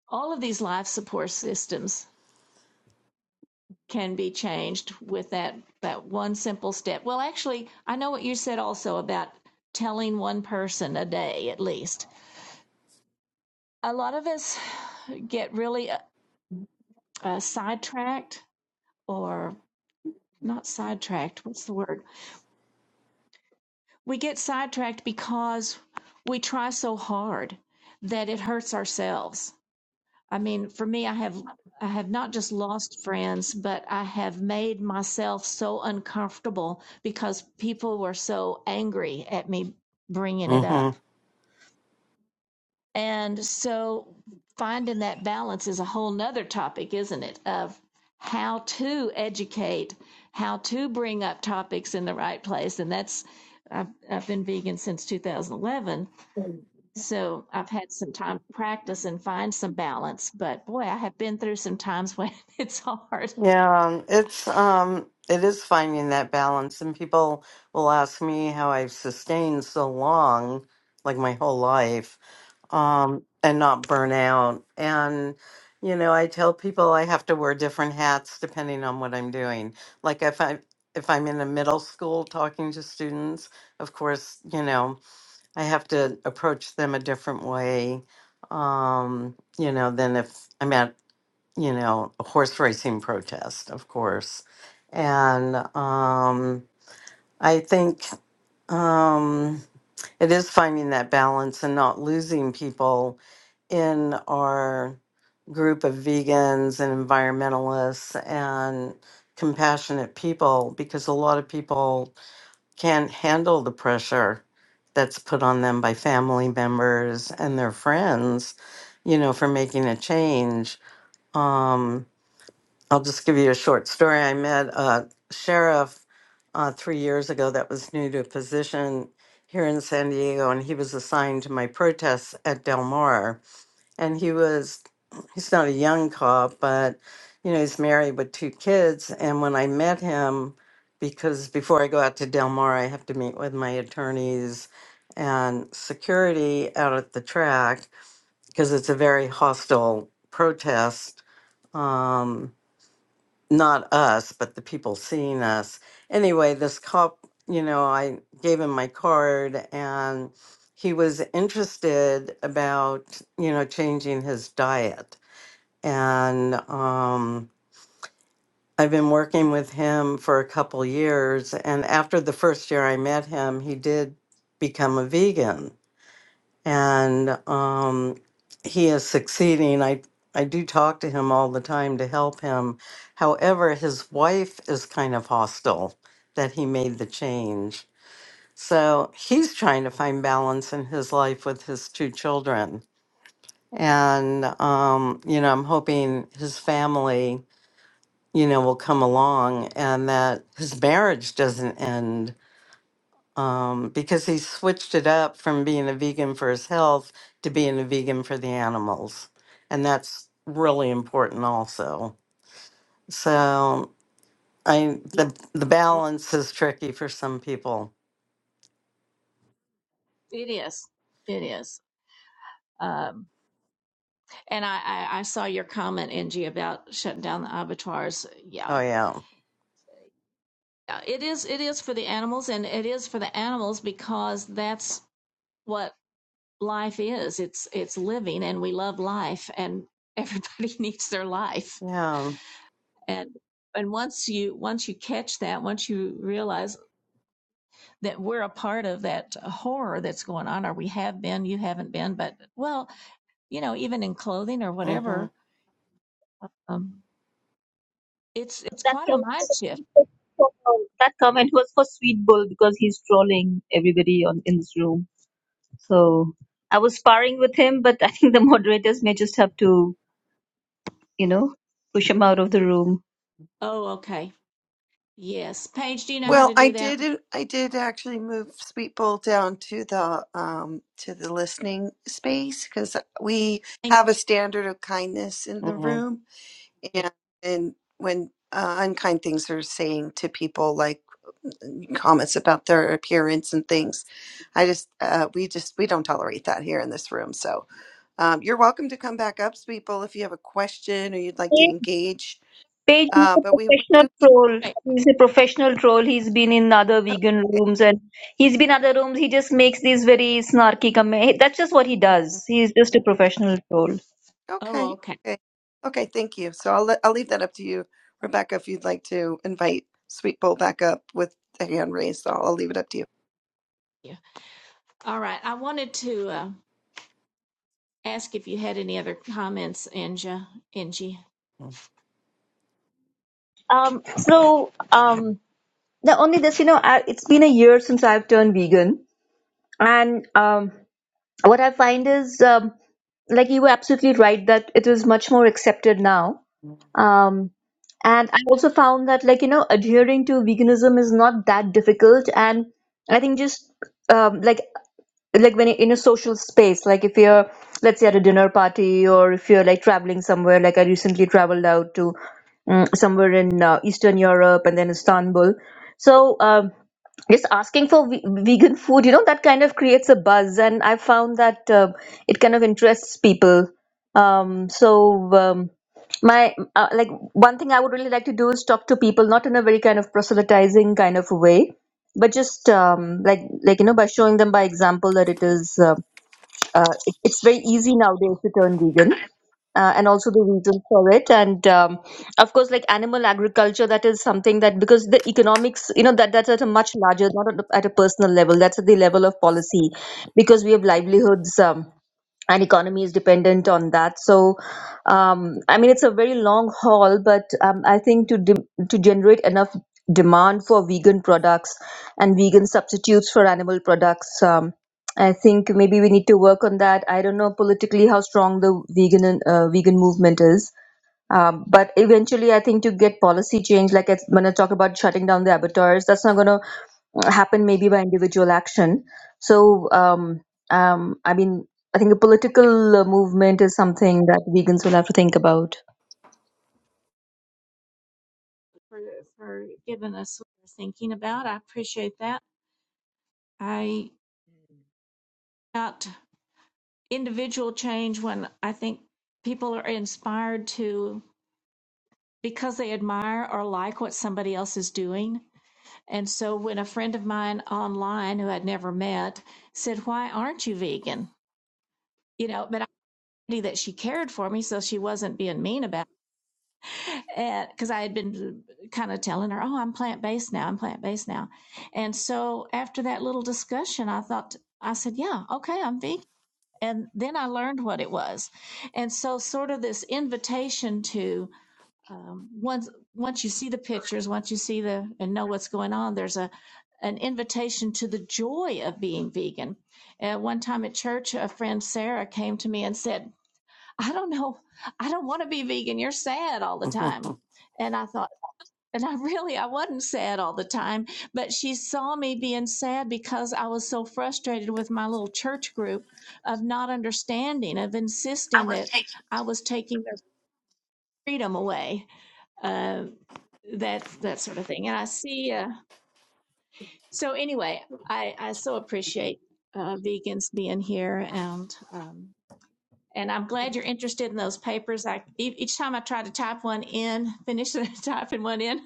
all of these life support systems can be changed with that that one simple step well actually i know what you said also about telling one person a day at least a lot of us get really uh, uh, sidetracked or not sidetracked what's the word we get sidetracked because we try so hard that it hurts ourselves. I mean, for me, I have I have not just lost friends, but I have made myself so uncomfortable because people were so angry at me bringing it hmm up. And so finding that balance is a whole nother topic, isn't it? Of how to educate, how to bring up topics in the right place. And that's, I've, I've been vegan since 2011 so I've had some time to practice and find some balance, but boy, I have been through some times when (laughs) it's hard. Yeah. It's, um, it is finding that balance, and people will ask me how I've sustained so long, like my whole life um, and not burn out. And, you know, I tell people I have to wear different hats depending on what I'm doing. Like if I if I'm in a middle school talking to students, of course, you know, I have to approach them a different way, um, you know, than if I'm at, you know, a horse racing protest, of course. And um, I think um, it is finding that balance and not losing people in our group of vegans and environmentalists and compassionate people because a lot of people can't handle the pressure that's put on them by family members and their friends, you know, for making a change. Um, I'll just give you a short story. I met a sheriff uh, three years ago that was new to a position here in San Diego, and he was assigned to my protests at Del Mar and he was he's not a young cop but you know he's married with two kids and when i met him because before i go out to del mar i have to meet with my attorneys and security out at the track because it's a very hostile protest Um, not us, but the people seeing us. Anyway, this cop, you know, I gave him my card and he was interested about, you know, changing his diet. And um, I've been working with him for a couple years. And after the first year I met him, he did become a vegan and um, he is succeeding. I I do talk to him all the time to help him. However, his wife is kind of hostile that he made the change. So he's trying to find balance in his life with his two children. And, um, you know, I'm hoping his family, you know, will come along and that his marriage doesn't end um, because he switched it up from being a vegan for his health to being a vegan for the animals. And that's really important also. So I the the Well, balance is tricky for some people. It is. It is. Um, and I, I, I saw your comment, Angie, about shutting down the abattoirs. Yeah. Oh yeah. Uh, It is it is for the animals and it is for the animals because that's what life is. It's it's living and we love life and everybody (laughs) needs their life. Yeah. And and once you once you catch that, once you realize that we're a part of that horror that's going on, or we have been, you haven't been, but well, you know, even in clothing or Mhm. whatever, um, it's it's That quite a comment, mind shift. was that comment was for Sweet Bull because he's trolling everybody on in this room. So I was sparring with him, but I think the (laughs) moderators may just have to, you know, push him out of the room. Oh, okay. Yes, Paige, do you know how Well, to I do that? did. I did actually move Sweetbowl down to the um to the listening space because we Thank have a standard of kindness in the Mhm. room, you. and and when uh, unkind things are saying to people, like mm, comments about their appearance and things, I just uh, we just we don't tolerate that here in this room. So um, you're welcome to come back up, Sweetbowl, if you have a question or you'd like to engage. Paige is Uh, a but we, we professional do keep. troll. Right. He's a professional troll. He's been in other vegan rooms and he's been other rooms. He just makes these very snarky comments. That's just what he does. He's (laughs) just a professional troll. Oh, Okay. okay. Okay. Okay. Thank you. So I'll let, I'll leave that up to you, Rebecca, if you'd like to invite Sweet Bowl back up with the hand raised. I'll, I'll leave it up to you. Yeah. All right. I wanted to uh, ask if you had any other comments, Angie. Angie, Um, so um, the only this, you know, I, it's been a year since I've turned vegan, and um, what I find is, um, like you were absolutely right that it is much more accepted now Um, and I also found that, like, you know, adhering to veganism is not that difficult. And I think just um, like like when you're in a social space, like if you're, let's say, at a dinner party or if you're like traveling somewhere, like I recently traveled out to um, somewhere in uh, Eastern Europe and then Istanbul. So um, just asking for ve- vegan food you know that kind of creates a buzz and i found that uh, it kind of interests people um, so um, my uh, like one thing i would really like to do is talk to people not in a very kind of proselytizing kind of way but just um, like like you know by showing them by example that it is uh, uh, it, it's very easy nowadays to turn vegan uh, and also the reason for it and um, of course like animal agriculture that is something that because the economics you know that that's at a much larger not at a, at a personal level that's at the level of policy because we have livelihoods um, and economy is dependent on that. So, um, I mean, it's a very long haul, but um, I think to de- to generate enough demand for vegan products and vegan substitutes for animal products, um, I think maybe we need to work on that. I don't know politically how strong the vegan uh, vegan movement is. Um, but eventually, I think to get policy change, like it's- when I talk about shutting down the abattoirs, that's not going to happen maybe by individual action. So, um, um, I mean, I think a political uh, movement is something that vegans will have to think about. for for giving us what you're thinking about. I appreciate that. I Mm, not. individual change when I think people are inspired to because they admire or like what somebody else is doing. And so when a friend of mine online who I'd never met said, Why aren't you vegan? You know, but I knew that she cared for me, so she wasn't being mean about it. Because I had been kind of telling her, Oh, I'm plant based now. I'm plant based now. And so after that little discussion, I thought, I said, Yeah, okay, I'm vegan and then I learned what it was. And so, sort of this invitation to um, once once you see the pictures, once you see the and know what's going on, there's a an invitation to the joy of being vegan. At one time at church, a friend Sarah came to me and said, "I don't know, I don't want to be vegan. You're sad all mhm. the (laughs) time." And I thought. And I (laughs) really, I wasn't sad all the time, but she saw me being sad because I was so frustrated with my little church group of not understanding, of insisting that I was taking their freedom away, uh, that that sort of thing. And I see. Uh, so anyway, I I so appreciate uh, vegans being here, and um, and I'm glad you're interested in those papers. I e- each time I try to type one in, finish (laughs) typing one in,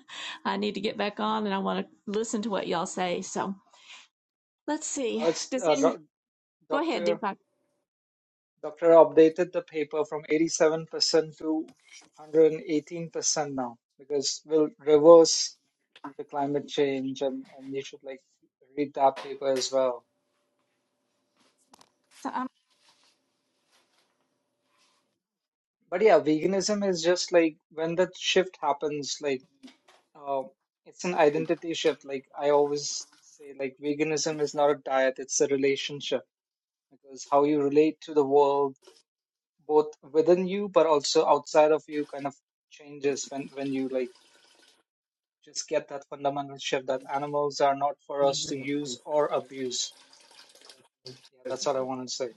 I need to get back on mm. and I want to listen to what y'all say. So let's see. Now it's Does uh, any doc- go ahead, Doctor Deepak? Doctor updated the paper from 87% to 118% now because we'll reverse the climate change and, and you should like read that paper as well. So, um, But yeah, veganism is just like when that shift happens, like Uh, it's an identity shift. Like I always say, like veganism is not a diet, it's a relationship because how you relate to the world, both within you but also outside of you, kind of changes when when you like just get that fundamental shift that animals are not for us to use or abuse. Yeah, that's what I want to say.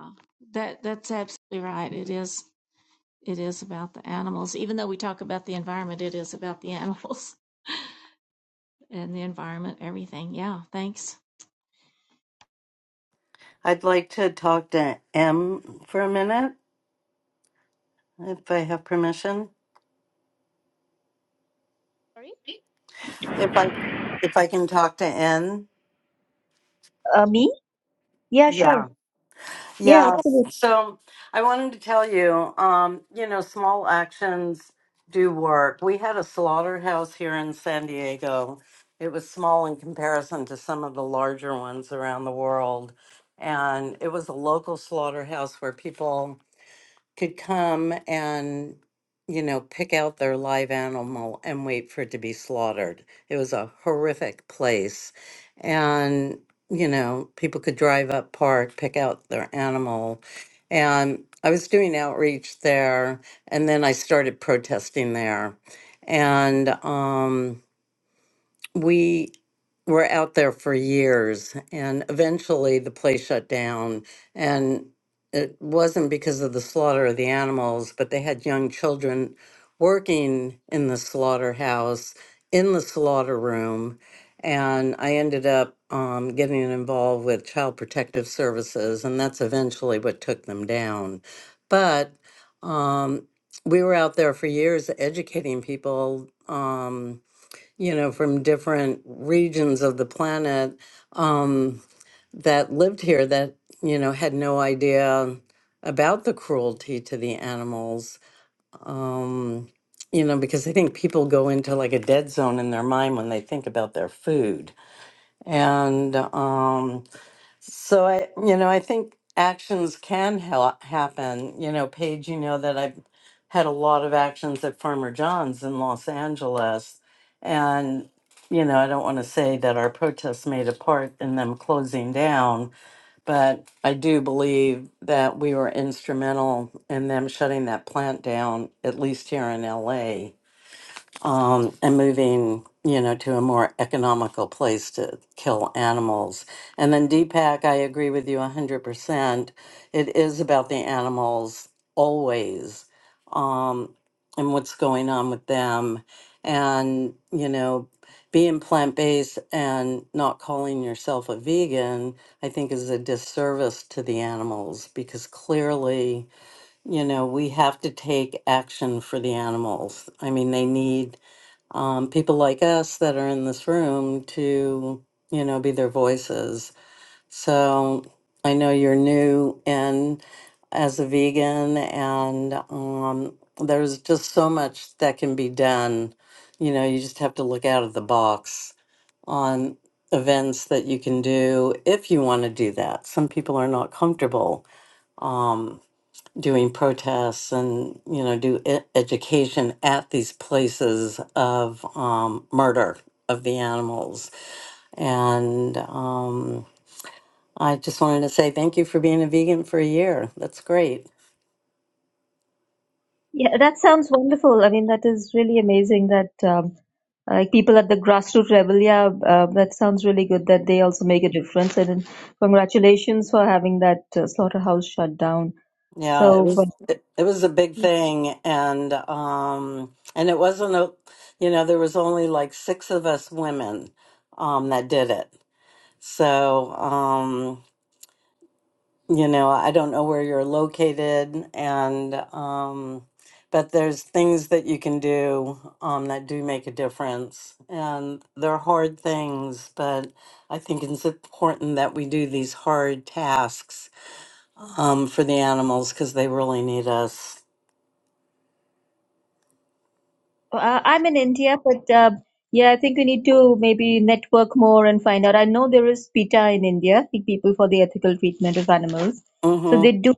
uh, that that's absolutely right. It is it is about the animals. Even though we talk about the environment, it is about the (laughs) animals and the environment, everything. Yeah, thanks. I'd like to talk to M for a minute if I have permission. If I if I can talk to N. yeah. Yeah. So I wanted to tell you, um, you know, small actions do work. We had a slaughterhouse here in San Diego. It was small in comparison to some of the larger ones around the world. And it was a local slaughterhouse where people could come and, you know, pick out their live animal and wait for it to be slaughtered. It was a horrific place. And, you know, people could drive up park, pick out their animal. And I was doing outreach there, and then I started protesting there. And, um, we were out there for years and eventually the place shut down and it wasn't because of the slaughter of the animals but they had young children working in the slaughterhouse in the slaughter room and i ended up um, getting involved with child protective services and that's eventually what took them down but um, we were out there for years educating people Um, you know, from different regions of the planet um, that lived here that, you know, had no idea about the cruelty to the animals. Um, you know, because I think people go into like a dead zone in their mind when they think about their food. And, um, so I, you know, I think actions can ha- happen. You know, Paige, you know that I've had a lot of actions at Farmer John's in Los Angeles, and you know, I don't want to say that our protests made a part in them closing down, but I do believe that we were instrumental in them shutting that plant down, at least here in LA um, and moving, you know, to a more economical place to kill animals. And then Deepak, I agree with you 100%. It is about the animals always um, and what's going on with them. And, you know, being plant based and not calling yourself a vegan, I think, is a disservice to the animals because clearly, you know, we have to take action for the animals. I mean, they need um, people like us that are in this room to, you know, be their voices. So I know you're new in as a vegan, and um, there's just so much that can be done. You know, you just have to look out of the box on events that you can do if you want to do that. Some people are not comfortable. Um, doing protests and you know do e- education at these places of um, murder of the animals and um, i just wanted to say thank you for being a vegan for a year that's great Yeah, that sounds wonderful. I mean, that is really amazing that um, uh, people at the grassroots level, yeah, uh, that sounds really good that they also make a difference. And congratulations for having that uh, slaughterhouse shut down. yeah it So. was it, it was a big thing and um and it wasn't a you know there was only like six of us women um that did it so um you know, I don't know where you're located and um but there's things that you can do um that do make a difference. And they're hard things, but I think it's important that we do these hard tasks um for the animals cuz they really need us. Uh, I'm in India, but uh, yeah, I think we need to maybe network more and find out. I know there is PETA in India, the People for the Ethical Treatment of Animals. So they Mhm. do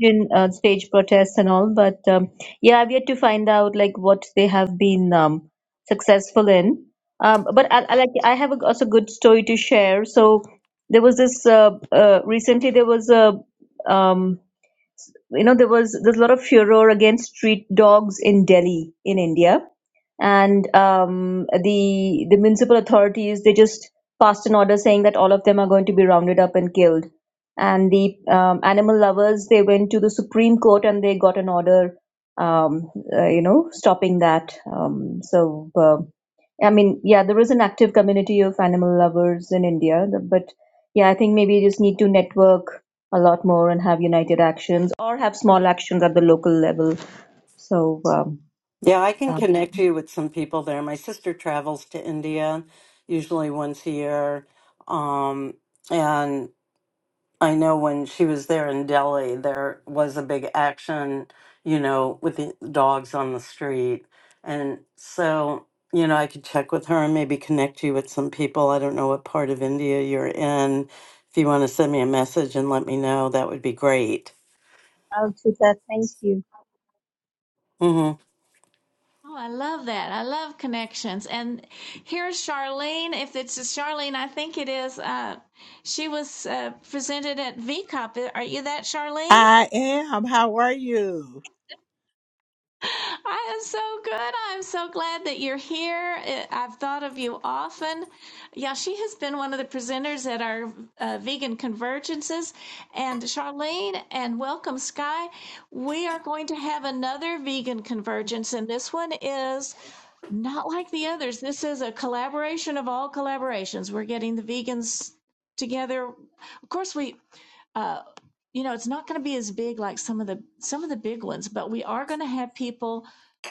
in, uh, stage protests and all, but um, yeah, I've yet to find out like what they have been um, successful in. Um, but I, I like I have a, also good story to share. So there was this uh, uh, recently there was a um, you know there was there's a lot of furor against street dogs in Delhi in India and um, the the municipal authorities they just passed an order saying that all of them are going to be rounded up and killed and the um, animal lovers they went to the supreme court and they got an order um, uh, you know stopping that um, so uh, i mean yeah there is an active community of animal lovers in india the- but yeah i think maybe you just need to network a lot more and have united actions or have small actions at the local level so um, Yeah, I can uh, connect you with some people there. My sister travels to India usually once a year. Um and I know when she was there in Delhi, there was a big action, you know, with the dogs on the street. And so, you know, I could check with her and maybe connect you with some people. I don't know what part of India you're in. If you want to send me a message and let me know, that would be great. I'll do that. Thank you. Mm-hmm. Oh, I love that. I love connections. And here's Charlene. If it's Charlene, I think it is. Uh, she was uh, presented at VCOP. Are you that, Charlene? I am. How are you? (laughs) I am so good. I'm so glad that you're here. Uh, I've thought of you often. Yeah, she has been one of the presenters at our uh, vegan convergences. And Charlene and welcome, Sky. We are going to have another vegan convergence, and this one is Not like the others. This is a collaboration of all collaborations. We're getting the vegans together. Of course, we uh, you know, it's not going to be as big like some of the some of the big ones, but we are going to have people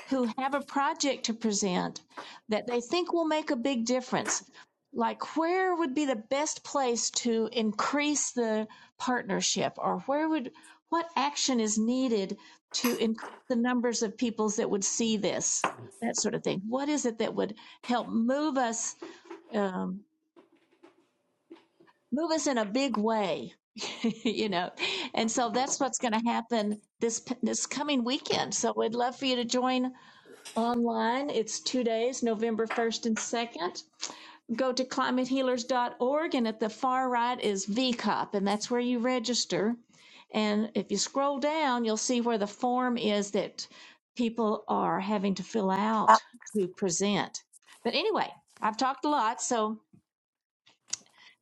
who have a project to present that they think will make a big difference. Like where would be the best place to increase the partnership or where would what action is needed to increase the numbers of peoples that would see this, that sort of thing. What is it that would help move us? um, move us in a big way (laughs) you know and so that's what's going to happen this this coming weekend so we'd love for you to join online it's two days november 1st and 2nd go to climate healers dot org, and at the far right is V Cop, and that's where you register and if you scroll down you'll see where the form is that people are having to fill out to present but anyway i've talked a lot so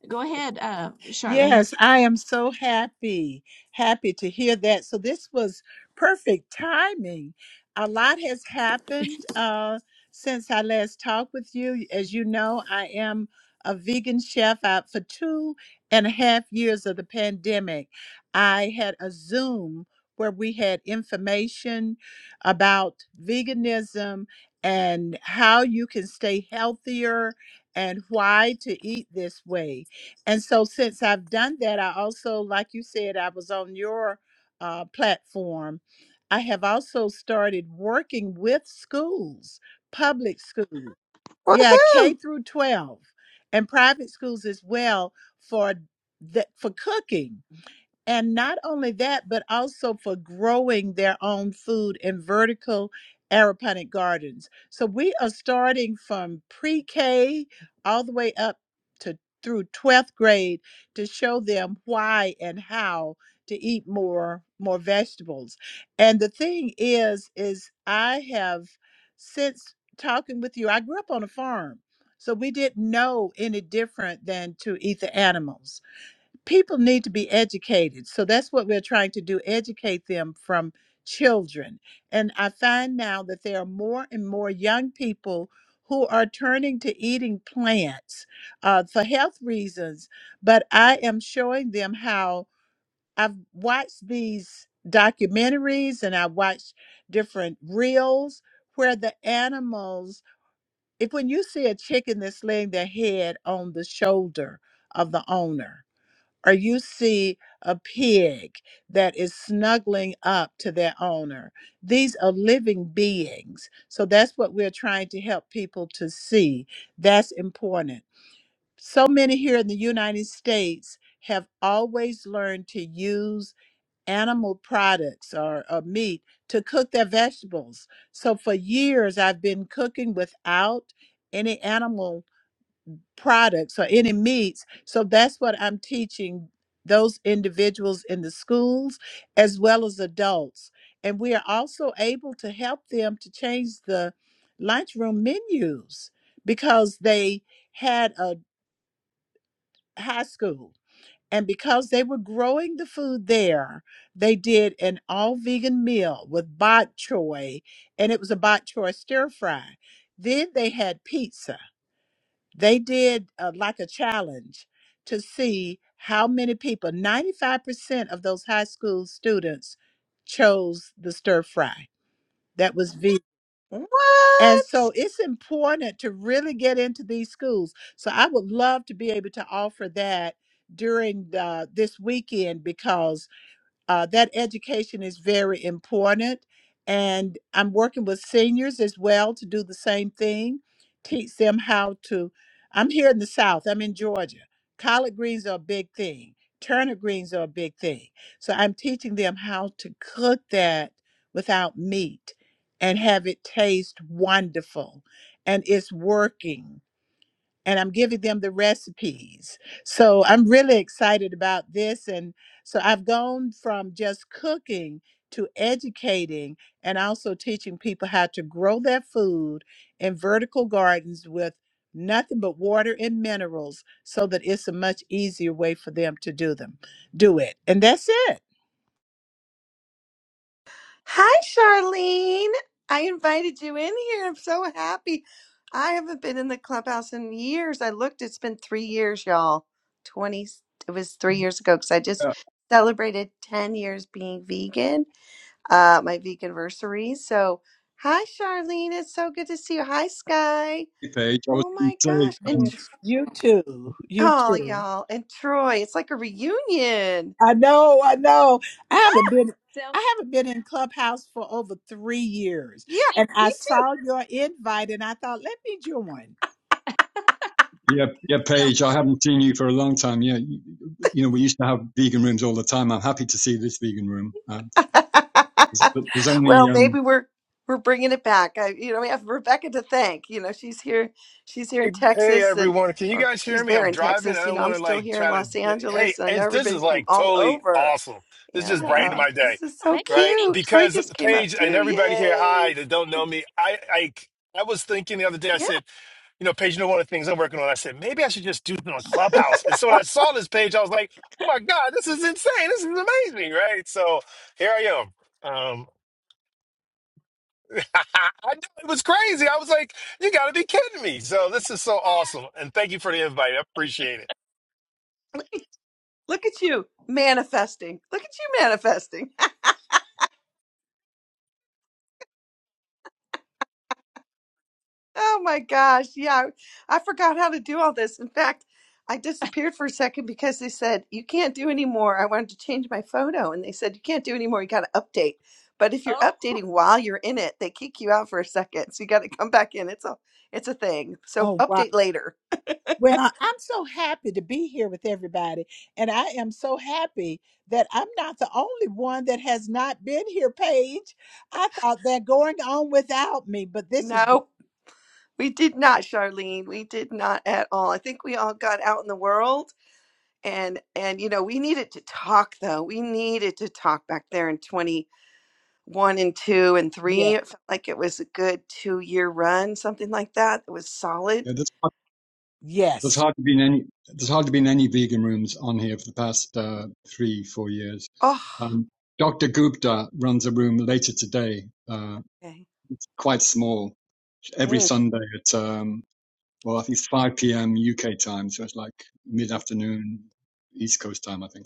go ahead uh, charlene Yes, I am so happy, happy to hear that. So this was perfect timing. A lot has happened uh, since I last talked with you. As you know, I am a vegan chef out for two and a half years of the pandemic. I had a Zoom where we had information about veganism and how you can stay healthier and why to eat this way. And so, since I've done that, I also, like you said, I was on your uh, platform. I have also started working with schools, public schools, yeah, K Woohoo! through 12, and private schools as well for that for cooking and not only that, but also for growing their own food in vertical aeroponic gardens. So we are starting from pre K all the way up to through 12th grade to show them why and how to eat more more vegetables. And the thing is is I have since talking with you I grew up on a farm. So we didn't know any different than to eat the animals people need to be educated. So that's what we're trying to do educate them from children. And I find now that there are more and more young people who are turning to eating plants uh, for health reasons. But I am showing them how I've watched these documentaries and I watched different reels where the animals, if when you see a chicken that's laying their head on the shoulder of the owner, or you see a pig that is snuggling up to their owner. These are living beings. So that's what we're trying to help people to see. That's important. So many here in the United States have always learned to use animal products or, or meat to cook their vegetables. So for years, I've been cooking without any animal products or any meats. So that's what I'm teaching those individuals in the schools as well as adults. And we are also able to help them to change the lunchroom menus because they had a high school. And because they were growing the food there, they did an all vegan meal with bok choy, and it was a bok choy stir fry. Then they had pizza they did uh, like a challenge to see how many people 95% of those high school students chose the stir fry that was v and What? so it's important to really get into these schools so i would love to be able to offer that during the, this weekend because uh, that education is very important. And I'm working with seniors as well to do the same thing, teach them how to. I'm here in the South, I'm in Georgia. Collard greens are a big thing, turnip greens are a big thing. So I'm teaching them how to cook that without meat and have it taste wonderful. And it's working and I'm giving them the recipes. So I'm really excited about this. And so I've gone from just cooking to educating and also teaching people how to grow their food in vertical gardens with nothing but water and minerals so that it's a much easier way for them to do them do it and that's it Hi, Charlene. I invited you in here. I'm so happy. I haven't been in the clubhouse in years. I looked, it's been three years, y'all. 20, it was three years ago because I just Yeah. celebrated 10 years being vegan uh, my veganversary. So, hi, Charlene. It's so good to see you. Hi, Sky. Hey, Paige, I was Oh going to my say, gosh. And um, Tr- yes you too you oh, too y'all. And Troy, it's like a reunion. I know, I know. I haven't been I haven't been in Clubhouse for over three years. Yeah, See, And I me saw too. your invite and I thought, let me join. yeah, yeah, Paige, I haven't seen you for a long time. Yeah, you, you know, we used to have vegan rooms all the time. I'm happy to see this vegan room. Uh, (laughs) there's, there's well, only um, maybe we're we're bringing it back. I, you know, we have Rebecca to thank. You know, she's here. She's here Hey, in hey, Texas, and everyone. Can you or guys hear she's me? there I'm in driving. I Texas. You don't know, want I'm to still like here in try Los to. Hey, Angeles, and I know it's, this is everybody's from like all totally over. awesome. This just And right, brightened uh, right. my day, this is so right? cute. Troy Because just came up Paige and too. everybody here, hi, Yay! that don't know me. I, I, I was thinking the other day, I yeah. said, you know, Paige, you know, one of the things I'm working on, I said, maybe I should just do it on Clubhouse. And so when I saw this page, I was like, oh my God, this is insane. This is amazing, right? So here I am. Um, (laughs) I know it was crazy. I was like, you got to be kidding me. So this is so awesome. And thank you for the invite. I appreciate it. Look at look at you manifesting. Look at you manifesting. Oh my gosh. Yeah, I, I forgot how to do all this. In fact, I disappeared for a second because they said, You can't do anymore. I wanted to change my photo. And they said, You can't do anymore. You got to update. But if you're Oh, updating while you're in it, they kick you out for a second. So you got to come back in. It's a it's a thing. So Oh wow. update later. Well, I'm so happy to be here with everybody. And I am so happy that I'm not the only one that has not been here, Paige. I thought they're going on without me, but this is great. No, we did not, Charlene. We did not at all. I think we all got out in the world and and you know, we needed to talk though. We needed to talk back there in one and two and three. Yes. It felt like it was a good two year run, something like that. It was solid. yeah, there's hard- there's Yes. hardly been any there's hardly been any vegan rooms on here for the past uh, three four years. Oh, Um, Dr. Gupta runs a room later today, uh, okay. quite small, every Mm, Sunday at um, well, I think it's 5 p.m. UK time, so it's like mid mm. afternoon East Coast time, I think.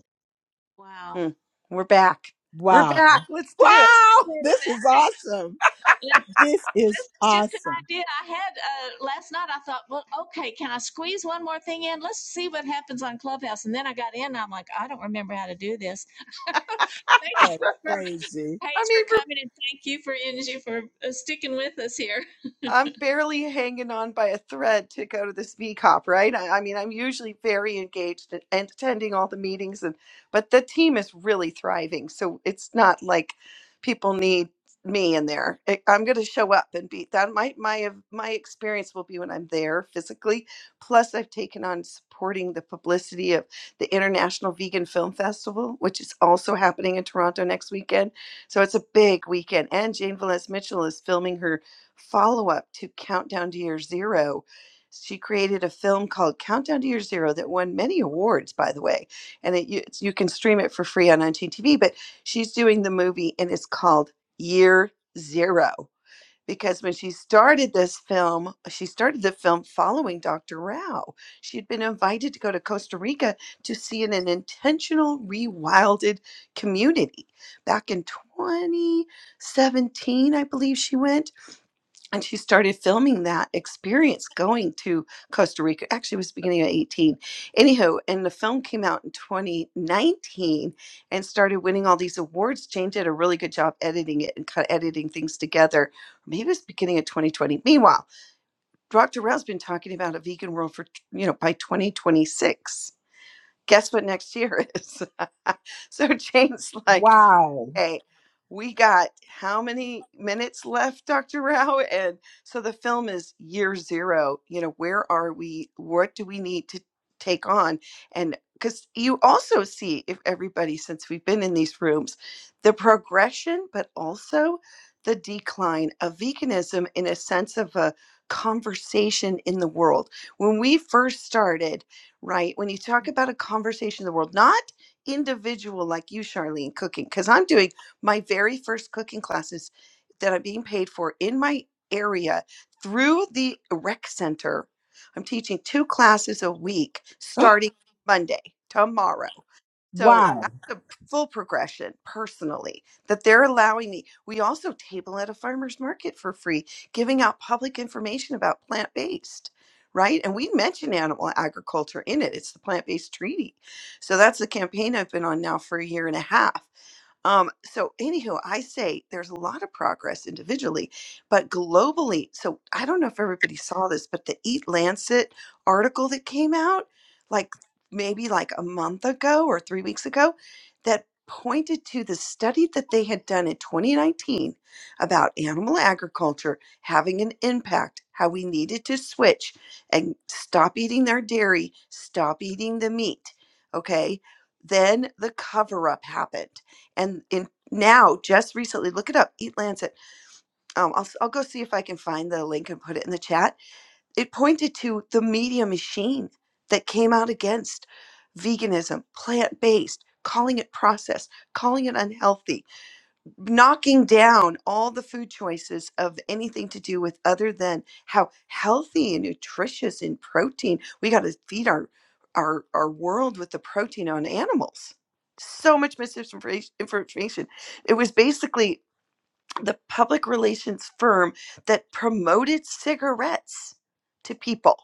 Wow. mm. We're back. We're Wow. (laughs) back. Let's do it. sounds Wow. like This that. is awesome. And This is this is just an awesome. idea I had uh, last night. I thought, well, okay, can I squeeze one more thing in? Let's see what happens on Clubhouse. And then I got in, and I'm like, I don't remember how to do this. (laughs) Thank you That's (laughs) for crazy. I Paige mean, for coming, and thank you for Angie for uh, sticking with us here. I'm barely hanging on by a thread to go to this VCOP, right? I, I mean, I'm usually very engaged and, and attending all the meetings, and but the team is really thriving. So it's not like people need me in there. I- I'm going to show up and be that. My my my experience will be when I'm there physically. Plus, I've taken on supporting the publicity of the International Vegan Film Festival, which is also happening in Toronto next weekend. So it's a big weekend, and Jane Velez Mitchell is filming her follow up to Countdown to Year Zero. She created a film called Countdown to Year Zero that won many awards, by the way, and it, you, you can stream it for free on Unseen TV. But she's doing the movie, and it's called Year Zero because when she started this film, she started the film following Dr. Rao. She had been invited to go to Costa Rica to see an, an intentional rewilded community back in 2017, I believe she went and she started filming that experience going to Costa Rica. Actually, it was the beginning of 18. Anyhow, and the film came out in 2019 and started winning all these awards. Jane did a really good job editing it and kind of editing things together. Maybe it was beginning of 2020. Meanwhile, Dr. Rao's been talking about a vegan world for, you know, by 2026. Guess what next year is? (laughs) so Jane's like, Wow. Okay, we got how many minutes left, Dr. Rao? And so the film is year zero. You know, where are we? What do we need to take on? And because you also see, if everybody, since we've been in these rooms, the progression, but also the decline of veganism in a sense of a conversation in the world. When we first started, right, when you talk about a conversation in the world, not individual like you, Charlene, cooking, because I'm doing my very first cooking classes that I'm being paid for in my area through the rec center. I'm teaching two classes a week (gasps) starting Monday, tomorrow. So wow. that's the full progression personally that they're allowing me. We also table at a farmer's market for free, giving out public information about plant based, right? And we mention animal agriculture in it. It's the plant based treaty. So that's the campaign I've been on now for a year and a half. Um, so, anywho, I say there's a lot of progress individually, but globally. So, I don't know if everybody saw this, but the Eat Lancet article that came out, like maybe like a month ago or three weeks ago, that pointed to the study that they had done in 2019 about animal agriculture having an impact, how we needed to switch and stop eating their dairy, stop eating the meat. Okay. Then the cover up happened and in now just recently look it up eat lancet um, I'll, i I'll go see if i can find the link and put it in the chat it pointed to the media machine that came out against veganism plant-based calling it processed calling it unhealthy knocking down all the food choices of anything to do with other than how healthy and nutritious and protein we got to feed our our our world with the protein on animals so much misinformation information. it was basically the public relations firm that promoted cigarettes to people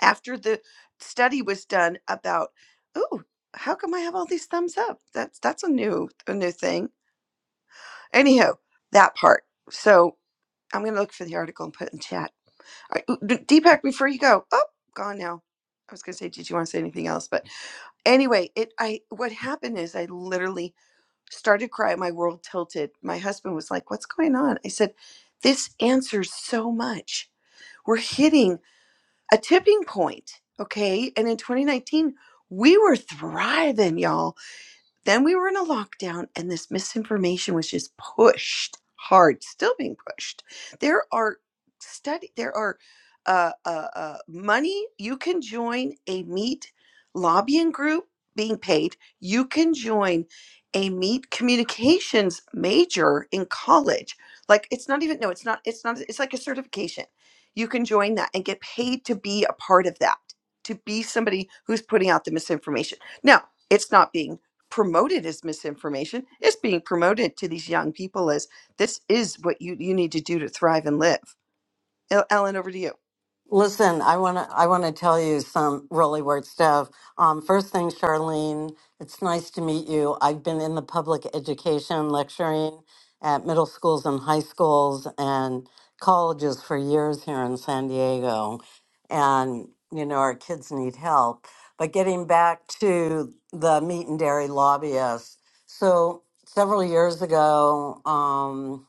after the study was done about oh how come i have all these thumbs up that's that's a new a new thing Anyhow, that part. So I'm going to look for the article and put it in chat. All right, Deepak, before you go, oh, gone now. I was going to say, did you want to say anything else? But anyway, it I what happened is I literally started crying. My world tilted. My husband was like, "What's going on?" I said, "This answers so much. We're hitting a tipping point, okay?" And in 2019, we were thriving, y'all then we were in a lockdown and this misinformation was just pushed hard, still being pushed. There are study there are uh, uh, uh, money you can join a meat lobbying group being paid. You can join a meat communications major in college. Like it's not even no, it's not it's not it's like a certification. You can join that and get paid to be a part of that, to be somebody who's putting out the misinformation. Now, it's not being promoted as misinformation it's being promoted to these young people as this is what you you need to do to thrive and live El- ellen over to you Listen, I want to I want to tell you some really weird stuff. Um, first thing, Charlene, it's nice to meet you. I've been in the public education lecturing at middle schools and high schools and colleges for years here in San Diego, and you know our kids need help. But getting back to the meat and dairy lobbyists, so several years ago. Um,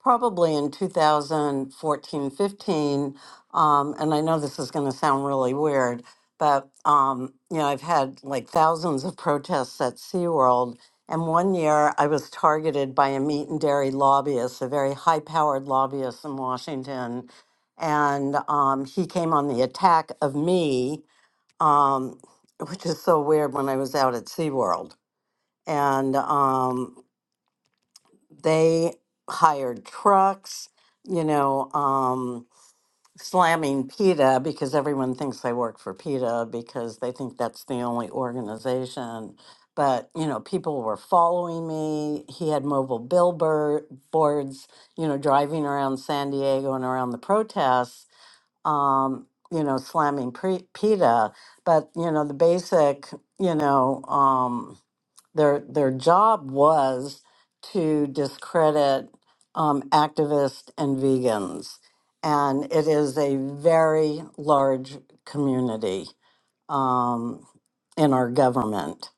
probably in 2014, 15, Um, and I know this is going to sound really weird, but, um, you know, I've had like thousands of protests at SeaWorld. And one year I was targeted by a meat and dairy lobbyist, a very high powered lobbyist in Washington. And um, he came on the attack of me, um, which is so weird when I was out at SeaWorld. And, um, they hired trucks, you know, um, slamming PETA because everyone thinks they work for PETA because they think that's the only organization. But, you know, people were following me. He had mobile billboards, you know, driving around San Diego and around the protests, um, you know, slamming pre- PETA. But, you know, the basic, you know, um, their their job was to discredit um, activists and vegans, and it is a very large community um, in our government,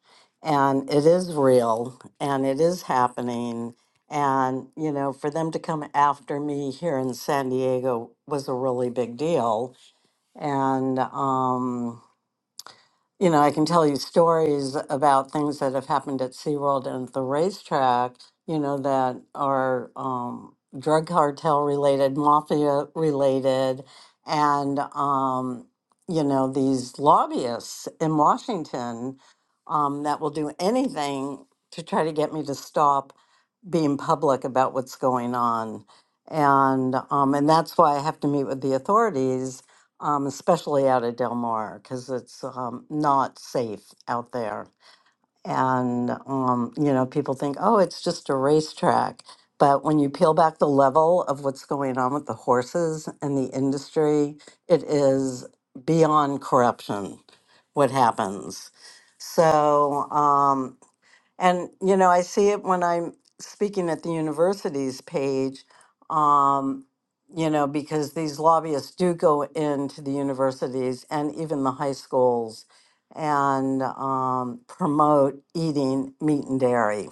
and it is real and it is happening. And you know, for them to come after me here in San Diego was a really big deal, and. Um, you know, I can tell you stories about things that have happened at SeaWorld and at the racetrack, you know, that are um, drug cartel related, mafia related, and, um, you know, these lobbyists in Washington um, that will do anything to try to get me to stop being public about what's going on. And um, and that's why I have to meet with the authorities, um, especially out of Del Mar, because it's um, not safe out there. And um, you know, people think, oh, it's just a racetrack. But when you peel back the level of what's going on with the horses and the industry, it is beyond corruption what happens. So, um, and, you know, I see it when I'm speaking at the university's page, um, you know, because these lobbyists do go into the universities and even the high schools and um, promote eating meat and dairy.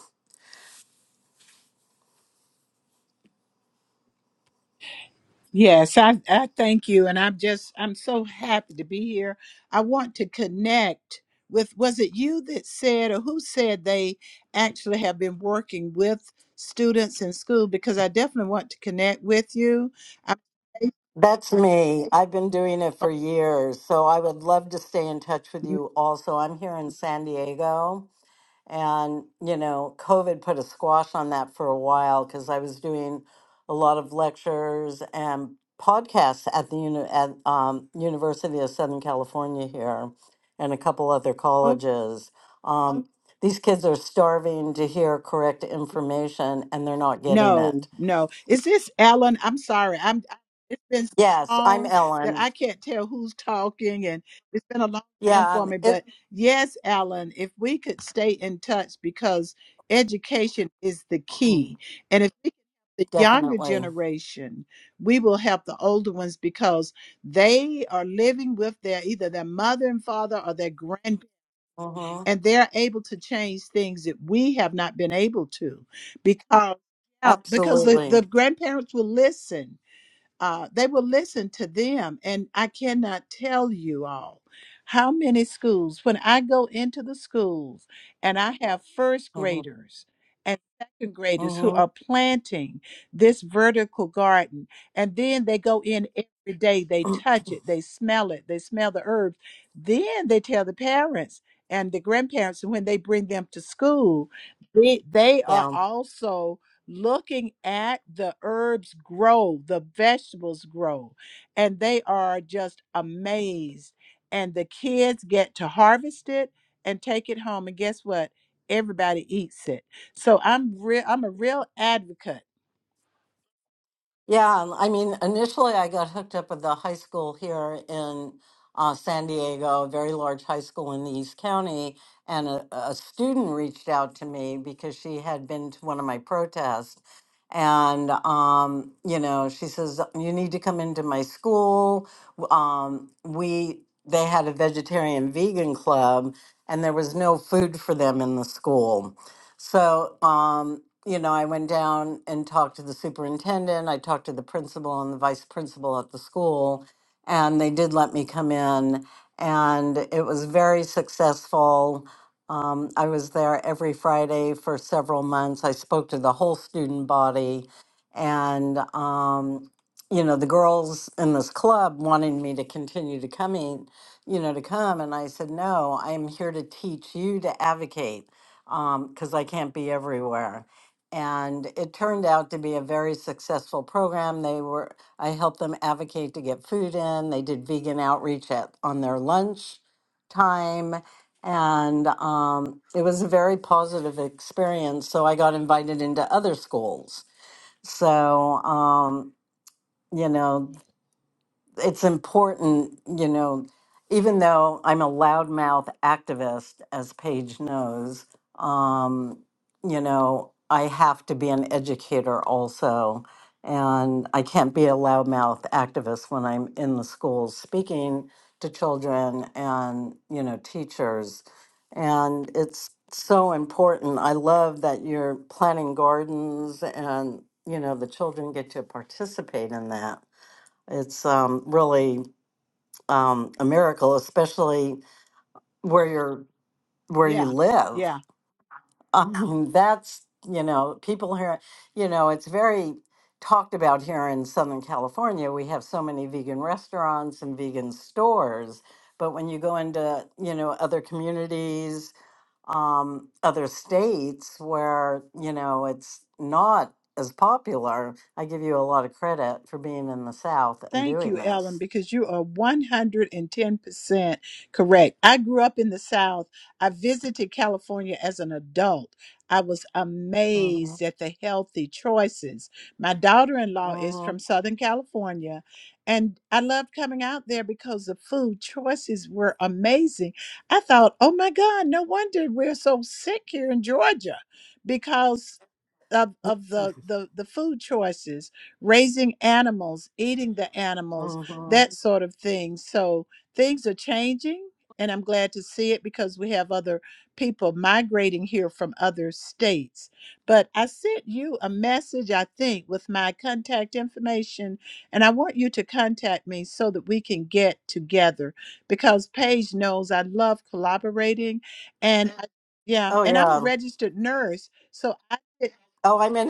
Yes, I, I thank you. And I'm just, I'm so happy to be here. I want to connect with, was it you that said, or who said they actually have been working with students in school? Because I definitely want to connect with you. That's me. I've been doing it for years. So I would love to stay in touch with you also. I'm here in San Diego. And, you know, COVID put a squash on that for a while because I was doing a lot of lectures and podcasts at the uni- at, um, University of Southern California here and a couple other I'm, colleges. Um, these kids are starving to hear correct information and they're not getting No, it. no. Is this Ellen? I'm sorry. I'm I- it's been so Yes, I'm long that Ellen. I can't tell who's talking and it's been a long time Yeah, for and me. it But yes, Alan, if we could stay in touch because education is the mm, key. And if we can help the younger definitely. generation, we will help the older ones because they are living with their either their mother and father or their grandparents hmm and they're able to change things that we have not been able to because yeah, because the, Absolutely. the grandparents will listen uh, they will listen to them. And I cannot tell you all how many schools, when I go into the schools and I have first hmm graders and second graders who hmm are planting this vertical garden, and then they go in every day, they (clears throat) touch it, they smell it, they smell the herbs, then they tell the parents. And the grandparents, and when they bring them to school, they, they are Yeah. also looking at the herbs grow, the vegetables grow, and they are just amazed. And the kids get to harvest it and take it home. And guess what? Everybody eats it. So I'm real I'm a real advocate. Yeah, um, I mean, initially I got hooked up with the high school here in uh, San Diego, a very large high school in the East County, and a, a student reached out to me because she had been to one of my protests. And, um, you know, she says, You need to come into my school. W- Um, we, they had a vegetarian vegan club, and there was no food for them in the school. So, um, you know, I went down and talked to the superintendent. I talked to the principal and the vice principal at the school, and they did let me come in. And it was very successful. Um, I was there every Friday for several months. I spoke to the whole student body, and um, you know, the girls in this club wanted me to continue to coming, you know, to come, and I said no. I am here to teach you to advocate because I can't be everywhere. And it turned out to be a very successful program. They were I helped them advocate to get food in. They did vegan outreach at on their lunch time, and um, it was a very positive experience. So I got invited into other schools. So um, you know it's important, you know, even though I'm a loudmouth activist, as Paige knows, um, you know, I have to be an educator also. And I can't be a loudmouth activist when I'm in the schools speaking to children and, you know, teachers. And it's so important. I love that you're planting gardens and, you know, the children get to participate in that it's um, really um, a miracle, especially where you're where you Yeah. live. Yeah. (laughs) Um, that's you know, people here, you know, it's very talked about here in Southern California. We have so many vegan restaurants and vegan stores, but when you go into you know other communities, um, other states where you know it's not as popular, I give you a lot of credit for being in the South and Thank doing you, Ellen, this. because you are 110% correct. I grew up in the South. I visited California as an adult. I was Mm-hmm. amazed at the healthy choices. My daughter in law is hmm from Southern California, and I loved coming out there because the food choices were amazing. I thought, oh my God, no wonder we're so sick here in Georgia because of, of the, the, the food choices raising animals, eating the animals, hmm that sort of thing. So things are changing, and I'm glad to see it because we have other people migrating here from other states. But I sent you a message, I think, with my contact information, and I want you to contact me so that we can get together because Paige knows I love collaborating, and I, yeah, Oh and I'm a yeah. registered nurse, so I. Oh, I'm in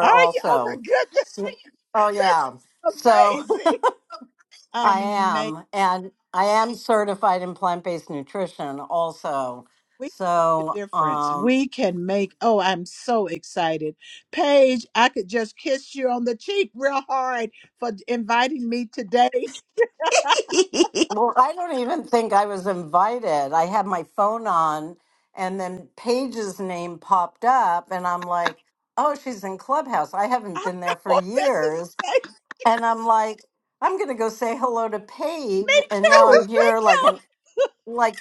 Are you? Oh my also. goodness! So- oh yeah. So (laughs) (laughs) Amazing. I Um, make am, and I am certified in plant-based nutrition also. we can make a So, difference. um, We can make. Oh, I'm so excited, Paige. I could just kiss you on the cheek real hard for inviting me today. well, I don't even think I was invited. I had my phone on, and then Paige's name popped up, and I'm like, "Oh, she's in Clubhouse." I (laughs) haven't I been there for know this is years, amazing. and I'm like, I'm gonna go say hello to me Paige, and now too. I'm Me here like an too. (laughs) like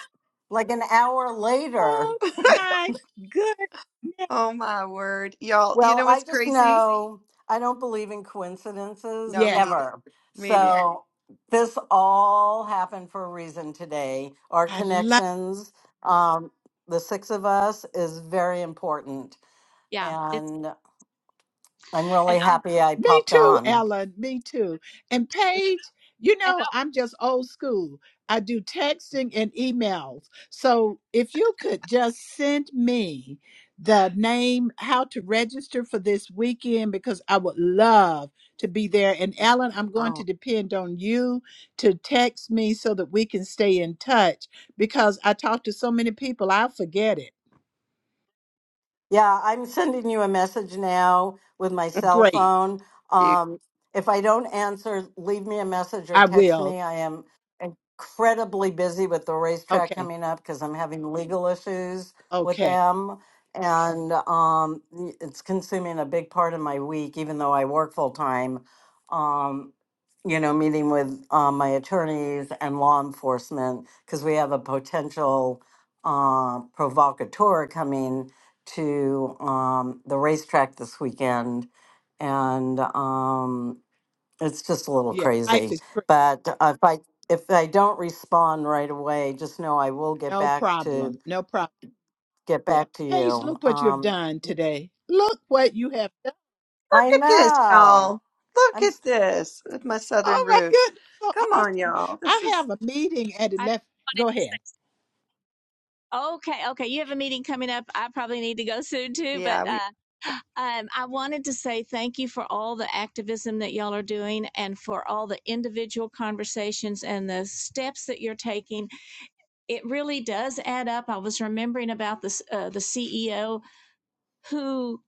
like an hour later. Oh (laughs) my goodness. oh my word y'all you Well, know I what's just crazy know I don't believe in coincidences no me Yes, neither ever. me neither So this all happened for a reason today. Our I love. connections, um, the six of us, is very important, and I'm And really I, happy I Me popped too, on. Ellen. Me too. And Paige, you and know, I'm just old school. I do texting and emails. So if you could just send me the name, how to register for this weekend, because I would love to be there. And Ellen, I'm going to oh depend on you to text me so that we can stay in touch because I talk to so many people, I'll forget it. Yeah, I'm sending you a message now with my cell Great. phone. you. Um, if I don't answer, leave me a message or I text will. me. I am incredibly busy with the racetrack Okay. coming up because I'm having legal issues with Okay. them. And um, it's consuming a big part of my week, even though I work full time. Um, you know, meeting with um, my attorneys and law enforcement because we have a potential uh, provocateur coming to um, the racetrack this weekend, and um, it's just a little Yeah. Life crazy. is But if I if I don't respond right away, just know I will get No back to problem. No problem. get Yeah. back to Paige, you. look what you have Um, done y- today. Look what you have done. Look I at this, know. y'all. Look I'm. at this with my southern Oh my roots. goodness. So Come on, awesome. y'all. This I is have a meeting at I 11. wanted Go ahead. to say, okay, okay, you have a meeting coming up. I probably need to go soon too, but. yeah, we uh, Um, I wanted to say thank you for all the activism that y'all are doing and for all the individual conversations and the steps that you're taking. It really does add up. I was remembering about this, uh, the CEO who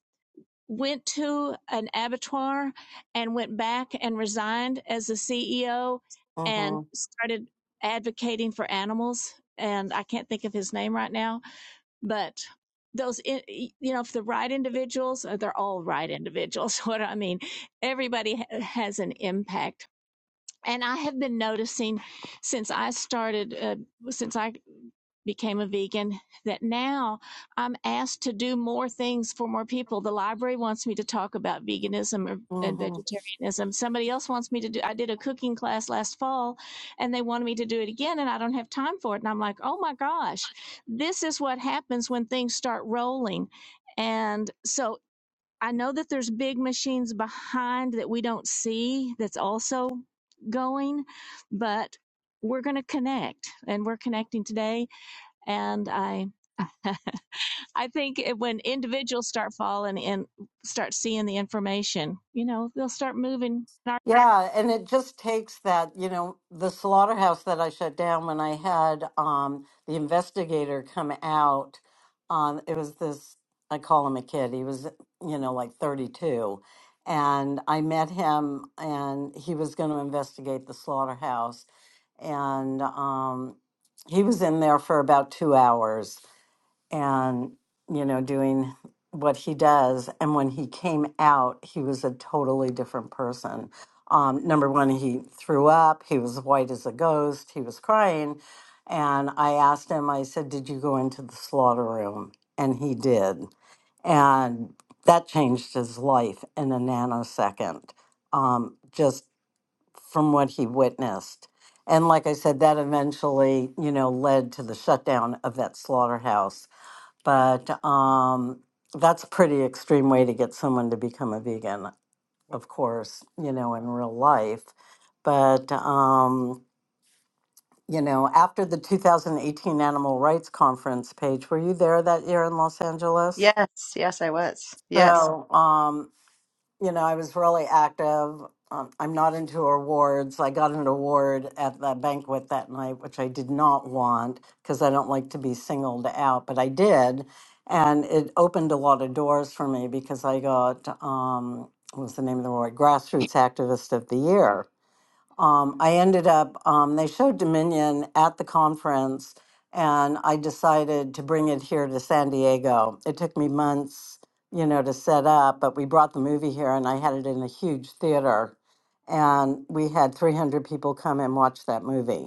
went to an abattoir and went back and resigned as the CEO and Mm-hmm, started advocating for animals. And I can't think of his name right now but those you know if the right individuals uh, they're all right individuals (laughs) what i mean everybody has an impact and I have been noticing since I started, uh, since I became a vegan, that now I'm asked to do more things for more people. The library wants me to talk about veganism or, and mm-hmm. vegetarianism. Somebody else wants me to do, I did a cooking class last fall and they wanted me to do it again and I don't have time for it. And I'm like, oh my gosh, this is what happens when things start rolling. And so I know that there's big machines behind that we don't see that's also going, but we're going to connect and we're connecting today. And I, (laughs) I think it- when individuals start following and start seeing the information, you know, they'll start moving. And our- Yeah, and it just takes that, you know, the slaughterhouse that I shut down when I had um the investigator come out. Um it was this I call him a kid. He was, you know, like 32. And I met him and he was going to investigate the slaughterhouse and um he was in there for about 2 hours and you know doing what he does and when he came out he was a totally different person um, number one he threw up he was white as a ghost he was crying and i asked him i said did you go into the slaughter room and he did and that changed his life in a nanosecond um, just from what he witnessed and like i said that eventually you know led to the shutdown of that slaughterhouse but um, that's a pretty extreme way to get someone to become a vegan, of course, you know, in real life. But, um, you know, after the 2018 Animal Rights Conference, Paige, were you there that year in Los Angeles? Yes, yes, I was. Yes. So, um, you know, I was really active. Um, I'm not into awards. I got an award at the banquet that night, which I did not want because I don't like to be singled out, but I did. And it opened a lot of doors for me because I got, um, what was the name of the award? Grassroots Activist of the Year um, I ended up, um, they showed Dominion at the conference, and I decided to bring it here to San Diego. It took me months, you know, to set up, but we brought the movie here, and I had it in a huge theater. And we had 300 people come and watch that movie.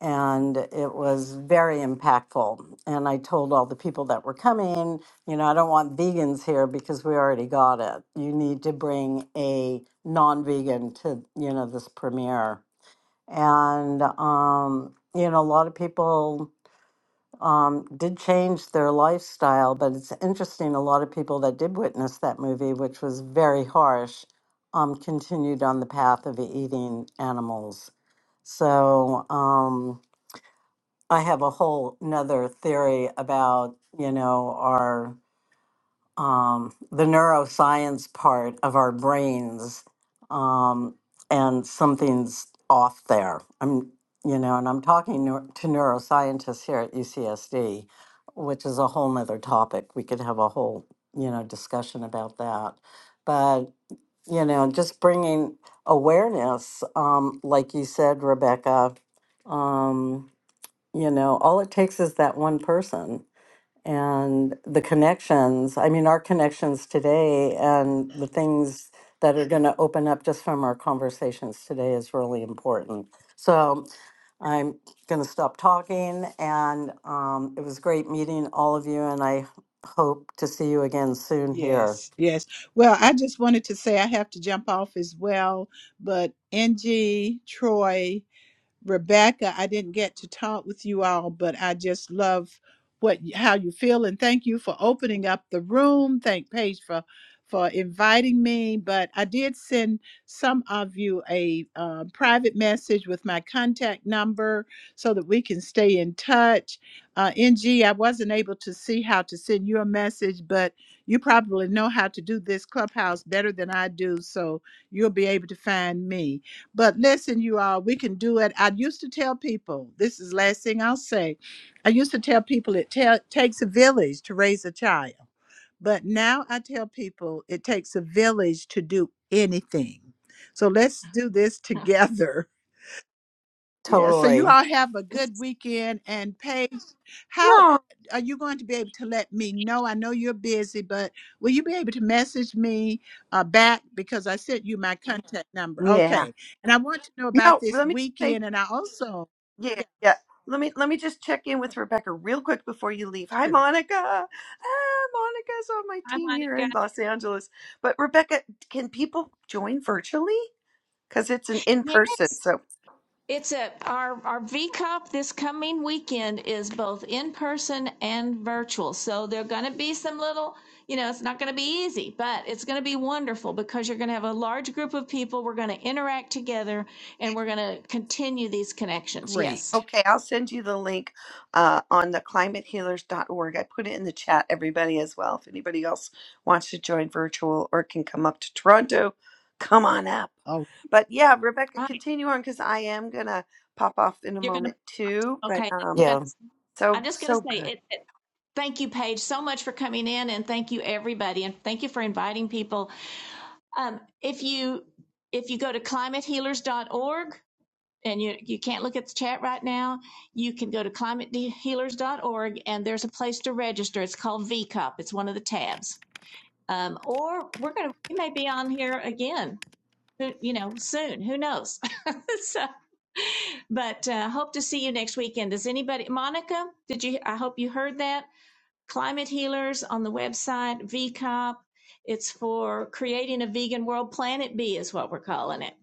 And it was very impactful. And I told all the people that were coming, you know, I don't want vegans here because we already got it. You need to bring a non vegan to, you know, this premiere and um, you know a lot of people um, did change their lifestyle but it's interesting a lot of people that did witness that movie which was very harsh um, continued on the path of eating animals so um, i have a whole another theory about you know our um, the neuroscience part of our brains, um, and something's off there. I'm, you know, and I'm talking neu- to neuroscientists here at UCSD, which is a whole nother topic. We could have a whole, you know, discussion about that. But you know, just bringing awareness, um, like you said, Rebecca. Um, you know, all it takes is that one person and the connections. I mean, our connections today and the things that are going to open up just from our conversations today is really important. So I'm going to stop talking, and um, it was great meeting all of you, and I hope to see you again soon here. Yes. Yes. Well, I just wanted to say I have to jump off as well, but Angie, Troy, Rebecca, I didn't get to talk with you all, but I just love what how you feel and thank you for opening up the room. Thank Paige for for inviting me, but I did send some of you a uh, private message with my contact number so that we can stay in touch. Uh, NG, I wasn't able to see how to send you a message, but you probably know how to do this clubhouse better than I do, so you'll be able to find me. But listen, you all, we can do it. I used to tell people, this is the last thing I'll say. I used to tell people it ta- takes a village to raise a child. But now I tell people it takes a village to do anything. So let's do this together yeah, so Totally. you all have a this good is weekend and Paige, how No. are you going to be able to let me know? I know you're busy, but will you be able to message me uh, back because I sent you my contact number? Yeah. Okay. And I want to know about No, this let me say weekend and I also Yeah, Yeah, yeah. Let me let me just check in with Rebecca real quick before you leave. Hi, sure. Monica. Ah, Monica's on my my team mind here again. in Los Angeles. But Rebecca, can people join virtually? Because it's an in person. So It's a our our V VCOP this coming weekend is both in person and virtual. So there're going to be some little, you know, it's not going to be easy, but it's going to be wonderful because you're going to have a large group of people. We're going to interact together and we're going to continue these connections. Yes. Great. okay, I'll send you the link uh, on the climate healers dot org. I put it in the chat, everybody as well. If anybody else wants to join virtual or can come up to Toronto, come on up. okay. But yeah, Rebecca, Right. continue on because I am gonna pop off in a You're going to moment too. But okay. um Yeah. that's- I'm So just going to so say good. it, it. Thank you, Paige, so much for coming in, and thank you everybody, and thank you for inviting people. Um, if you if you go to climate healers dot org. and you, you can't look at the chat right now, you can go to climate healers dot org and there's a place to register. It's called VCOP. It's one of the tabs. Um, or we're going to, we may be on here again, you know, soon. Who knows? (laughs) so, but uh, hope to see you next weekend. Does anybody, Monica, did you, I hope you heard that. Climate Healers on the website, VCOP. It's for creating a vegan world. Planet B is what we're calling it.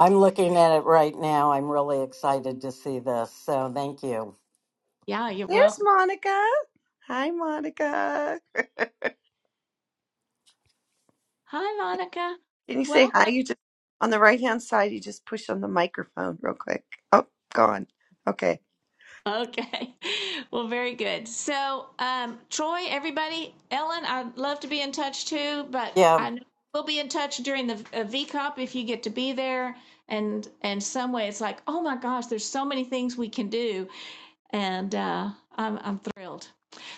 I'm looking at it right now. I'm really excited to see this. So thank you. Yeah, you're There's welcome. Monica. Hi, Monica. (laughs) Can Hi, Monica. you say Welcome. hi? You just on the right hand side. You just push on the microphone real quick. Oh, gone. Okay. (laughs) Okay. Well, very good. So, um, Troy, everybody, Ellen, I'd love to be in touch too, but Yeah. I know we'll be in touch during the uh, VCOP if you get to be there. And and some way, it's like, oh my gosh, there's so many things we can do, and uh, I'm I'm thrilled.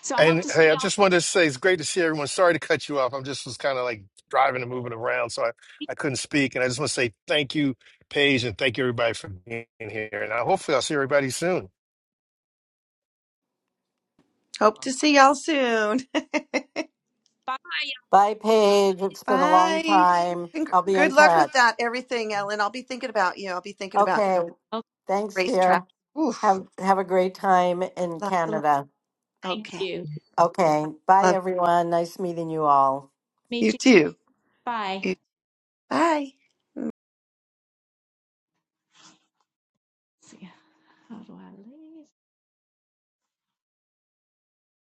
So I hope And to see hey, I just y'all. wanted to say it's great to see everyone. Sorry to cut you off. I'm just was kind of like driving and moving around. So I, I couldn't speak. And I just want to say thank you, Paige, and thank you everybody for being here. And I, hopefully I'll see everybody soon. Hope to see y'all soon. Bye. Bye, Paige. It's (laughs) been a long Bye. time. And I'll be in good luck touch. with that. Everything, Ellen. I'll be thinking about you. I'll be thinking about you Okay. with Oh, Thanks, racetrack. dear. Oof. Have have a great time in Lots of love. Canada. thank Okay. you. Okay. Bye Love everyone. Nice meeting you all. you Meet you too. too. Bye. You- Bye. See ya. How do I leave?